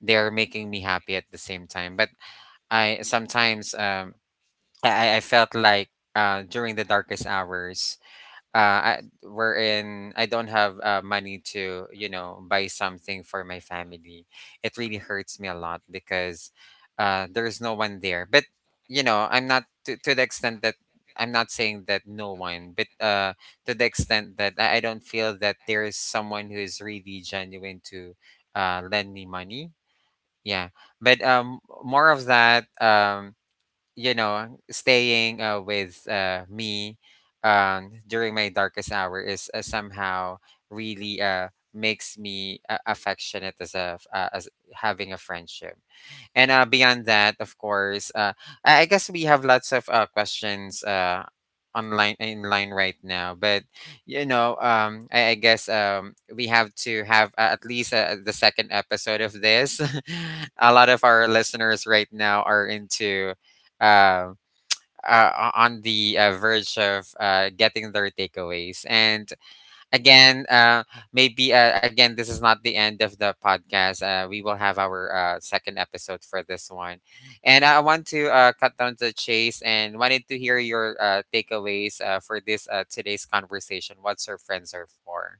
[SPEAKER 1] they're making me happy at the same time. But I sometimes, I felt like during the darkest hours, wherein I don't have money to, you know, buy something for my family. It really hurts me a lot, because there's no one there. But, you know, I'm not to, to the extent that I'm not saying that no one, but, to the extent that I don't feel that there is someone who is really genuine to lend me money. Yeah, but, more of that, you know, staying with me, during my darkest hour is, somehow really makes me affectionate as as having a friendship. And beyond that, of course, I guess we have lots of questions online in line right now. But, you know, I guess we have to have at least the second episode of this. A lot of our listeners right now are into. Uh, on the verge of getting their takeaways. And again, maybe, again, this is not the end of the podcast. We will have our second episode for this one. And I want to cut down to the chase and wanted to hear your takeaways for this today's conversation. What's your friends are for?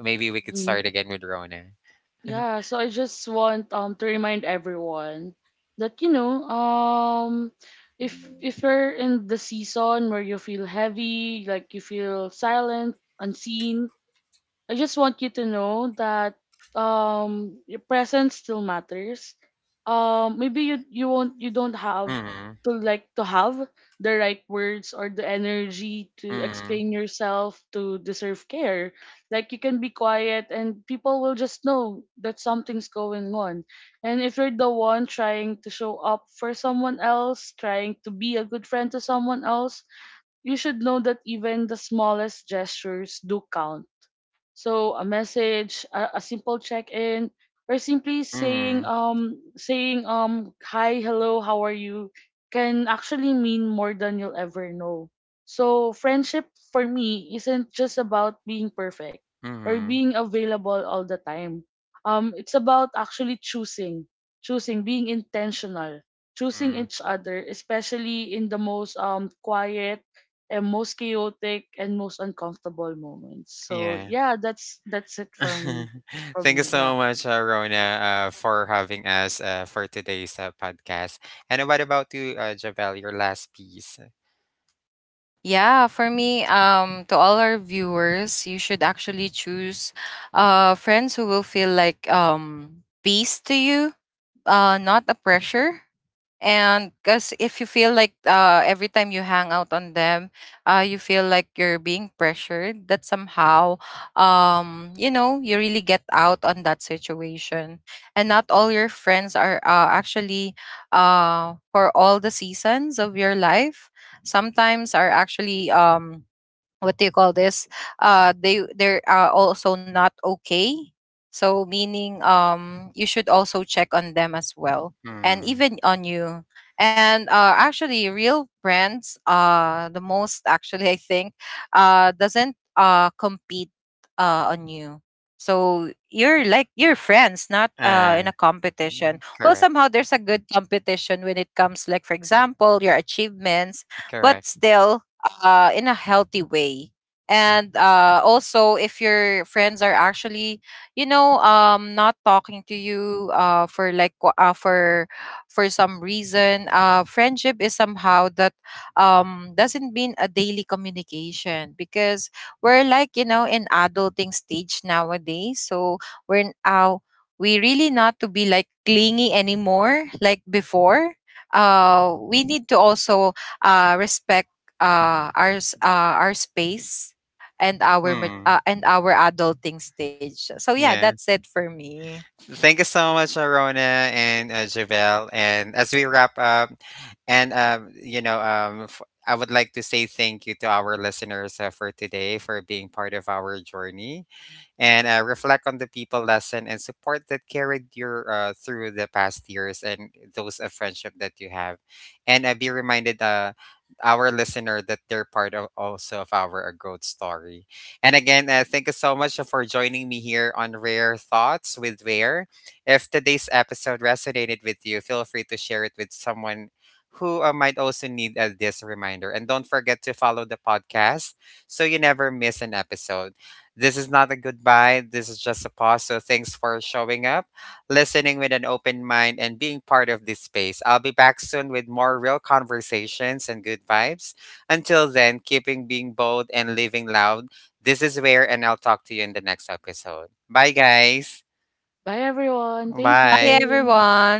[SPEAKER 1] Maybe we could
[SPEAKER 2] Mhm.
[SPEAKER 1] start again with Rona.
[SPEAKER 2] Yeah, so I just want to remind everyone that you know if you're in the season where you feel heavy, like you feel silent, unseen, I just want you to know that your presence still matters. Maybe you won't, you don't have
[SPEAKER 1] Mm-hmm,
[SPEAKER 2] to like to have the right words or the energy to
[SPEAKER 1] mm-hmm,
[SPEAKER 2] explain yourself to deserve care. Like you can be quiet and people will just know that something's going on. And if you're the one trying to show up for someone else, trying to be a good friend to someone else, you should know that even the smallest gestures do count. So a message, a simple check-in, or simply saying
[SPEAKER 1] mm-hmm,
[SPEAKER 2] hi, hello, how are you, can actually mean more than you'll ever know. So friendship for me isn't just about being perfect or
[SPEAKER 1] mm-hmm.
[SPEAKER 2] being available all the time. It's about actually choosing, choosing being intentional, choosing
[SPEAKER 1] Mm-hmm.
[SPEAKER 2] each other, especially in the most quiet and most chaotic and most uncomfortable moments. So
[SPEAKER 1] Yeah.
[SPEAKER 2] yeah, that's it for me. From
[SPEAKER 1] Thank you
[SPEAKER 2] me, yeah.
[SPEAKER 1] so much, Rona, for having us for today's podcast. And what about you, Javel, your last piece?
[SPEAKER 3] Yeah, for me, to all our viewers, you should actually choose friends who will feel like peace to you, not a pressure. And because if you feel like every time you hang out on them, you feel like you're being pressured, that somehow you know, you really get out on that situation. And not all your friends are actually for all the seasons of your life. Sometimes are actually what do you call this, they they're also not okay, so meaning you should also check on them as well, and
[SPEAKER 1] Hmm.
[SPEAKER 3] even on you. And actually real brands the most, actually I think doesn't compete on you. So you're like, you're friends, not
[SPEAKER 1] Uh,
[SPEAKER 3] in a competition. Well,
[SPEAKER 1] Correct.
[SPEAKER 3] somehow there's a good competition when it comes, like for example your achievements, but
[SPEAKER 1] Correct.
[SPEAKER 3] still in a healthy way.
[SPEAKER 1] Yeah.
[SPEAKER 3] And also, if your friends are actually, you know, not talking to you for some reason, friendship is somehow that doesn't mean a daily communication, because we're like, you know, in adulting stage nowadays. So we're now, we really not to be like clingy anymore like before. We need to also respect uh, our s- uh, our space, and our
[SPEAKER 1] Hmm.
[SPEAKER 3] and our adulting stage. So yeah,
[SPEAKER 1] Yeah.
[SPEAKER 3] that's it for me.
[SPEAKER 1] Thank you so much, Rona and Javel. And as we wrap up, and you know, I would like to say thank you to our listeners for today for being part of our journey. And reflect on the people lesson and support that carried you through the past years and those of friendship that you have. And be reminded, our listener, that they're part of also of our growth story. And again, thank you so much for joining me here on Rare Thoughts with Rare. If today's episode resonated with you, feel free to share it with someone who might also need this reminder. And don't forget to follow the podcast so you never miss an episode. This is not a goodbye. This is just a pause. So thanks for showing up, listening with an open mind, and being part of this space. I'll be back soon with more real conversations and good vibes. Until then, keeping being bold and living loud. This is Where, and I'll talk to you in the next episode. Bye, guys.
[SPEAKER 2] Bye everyone. Thank
[SPEAKER 3] Bye
[SPEAKER 1] Bye.
[SPEAKER 2] you.
[SPEAKER 3] everyone.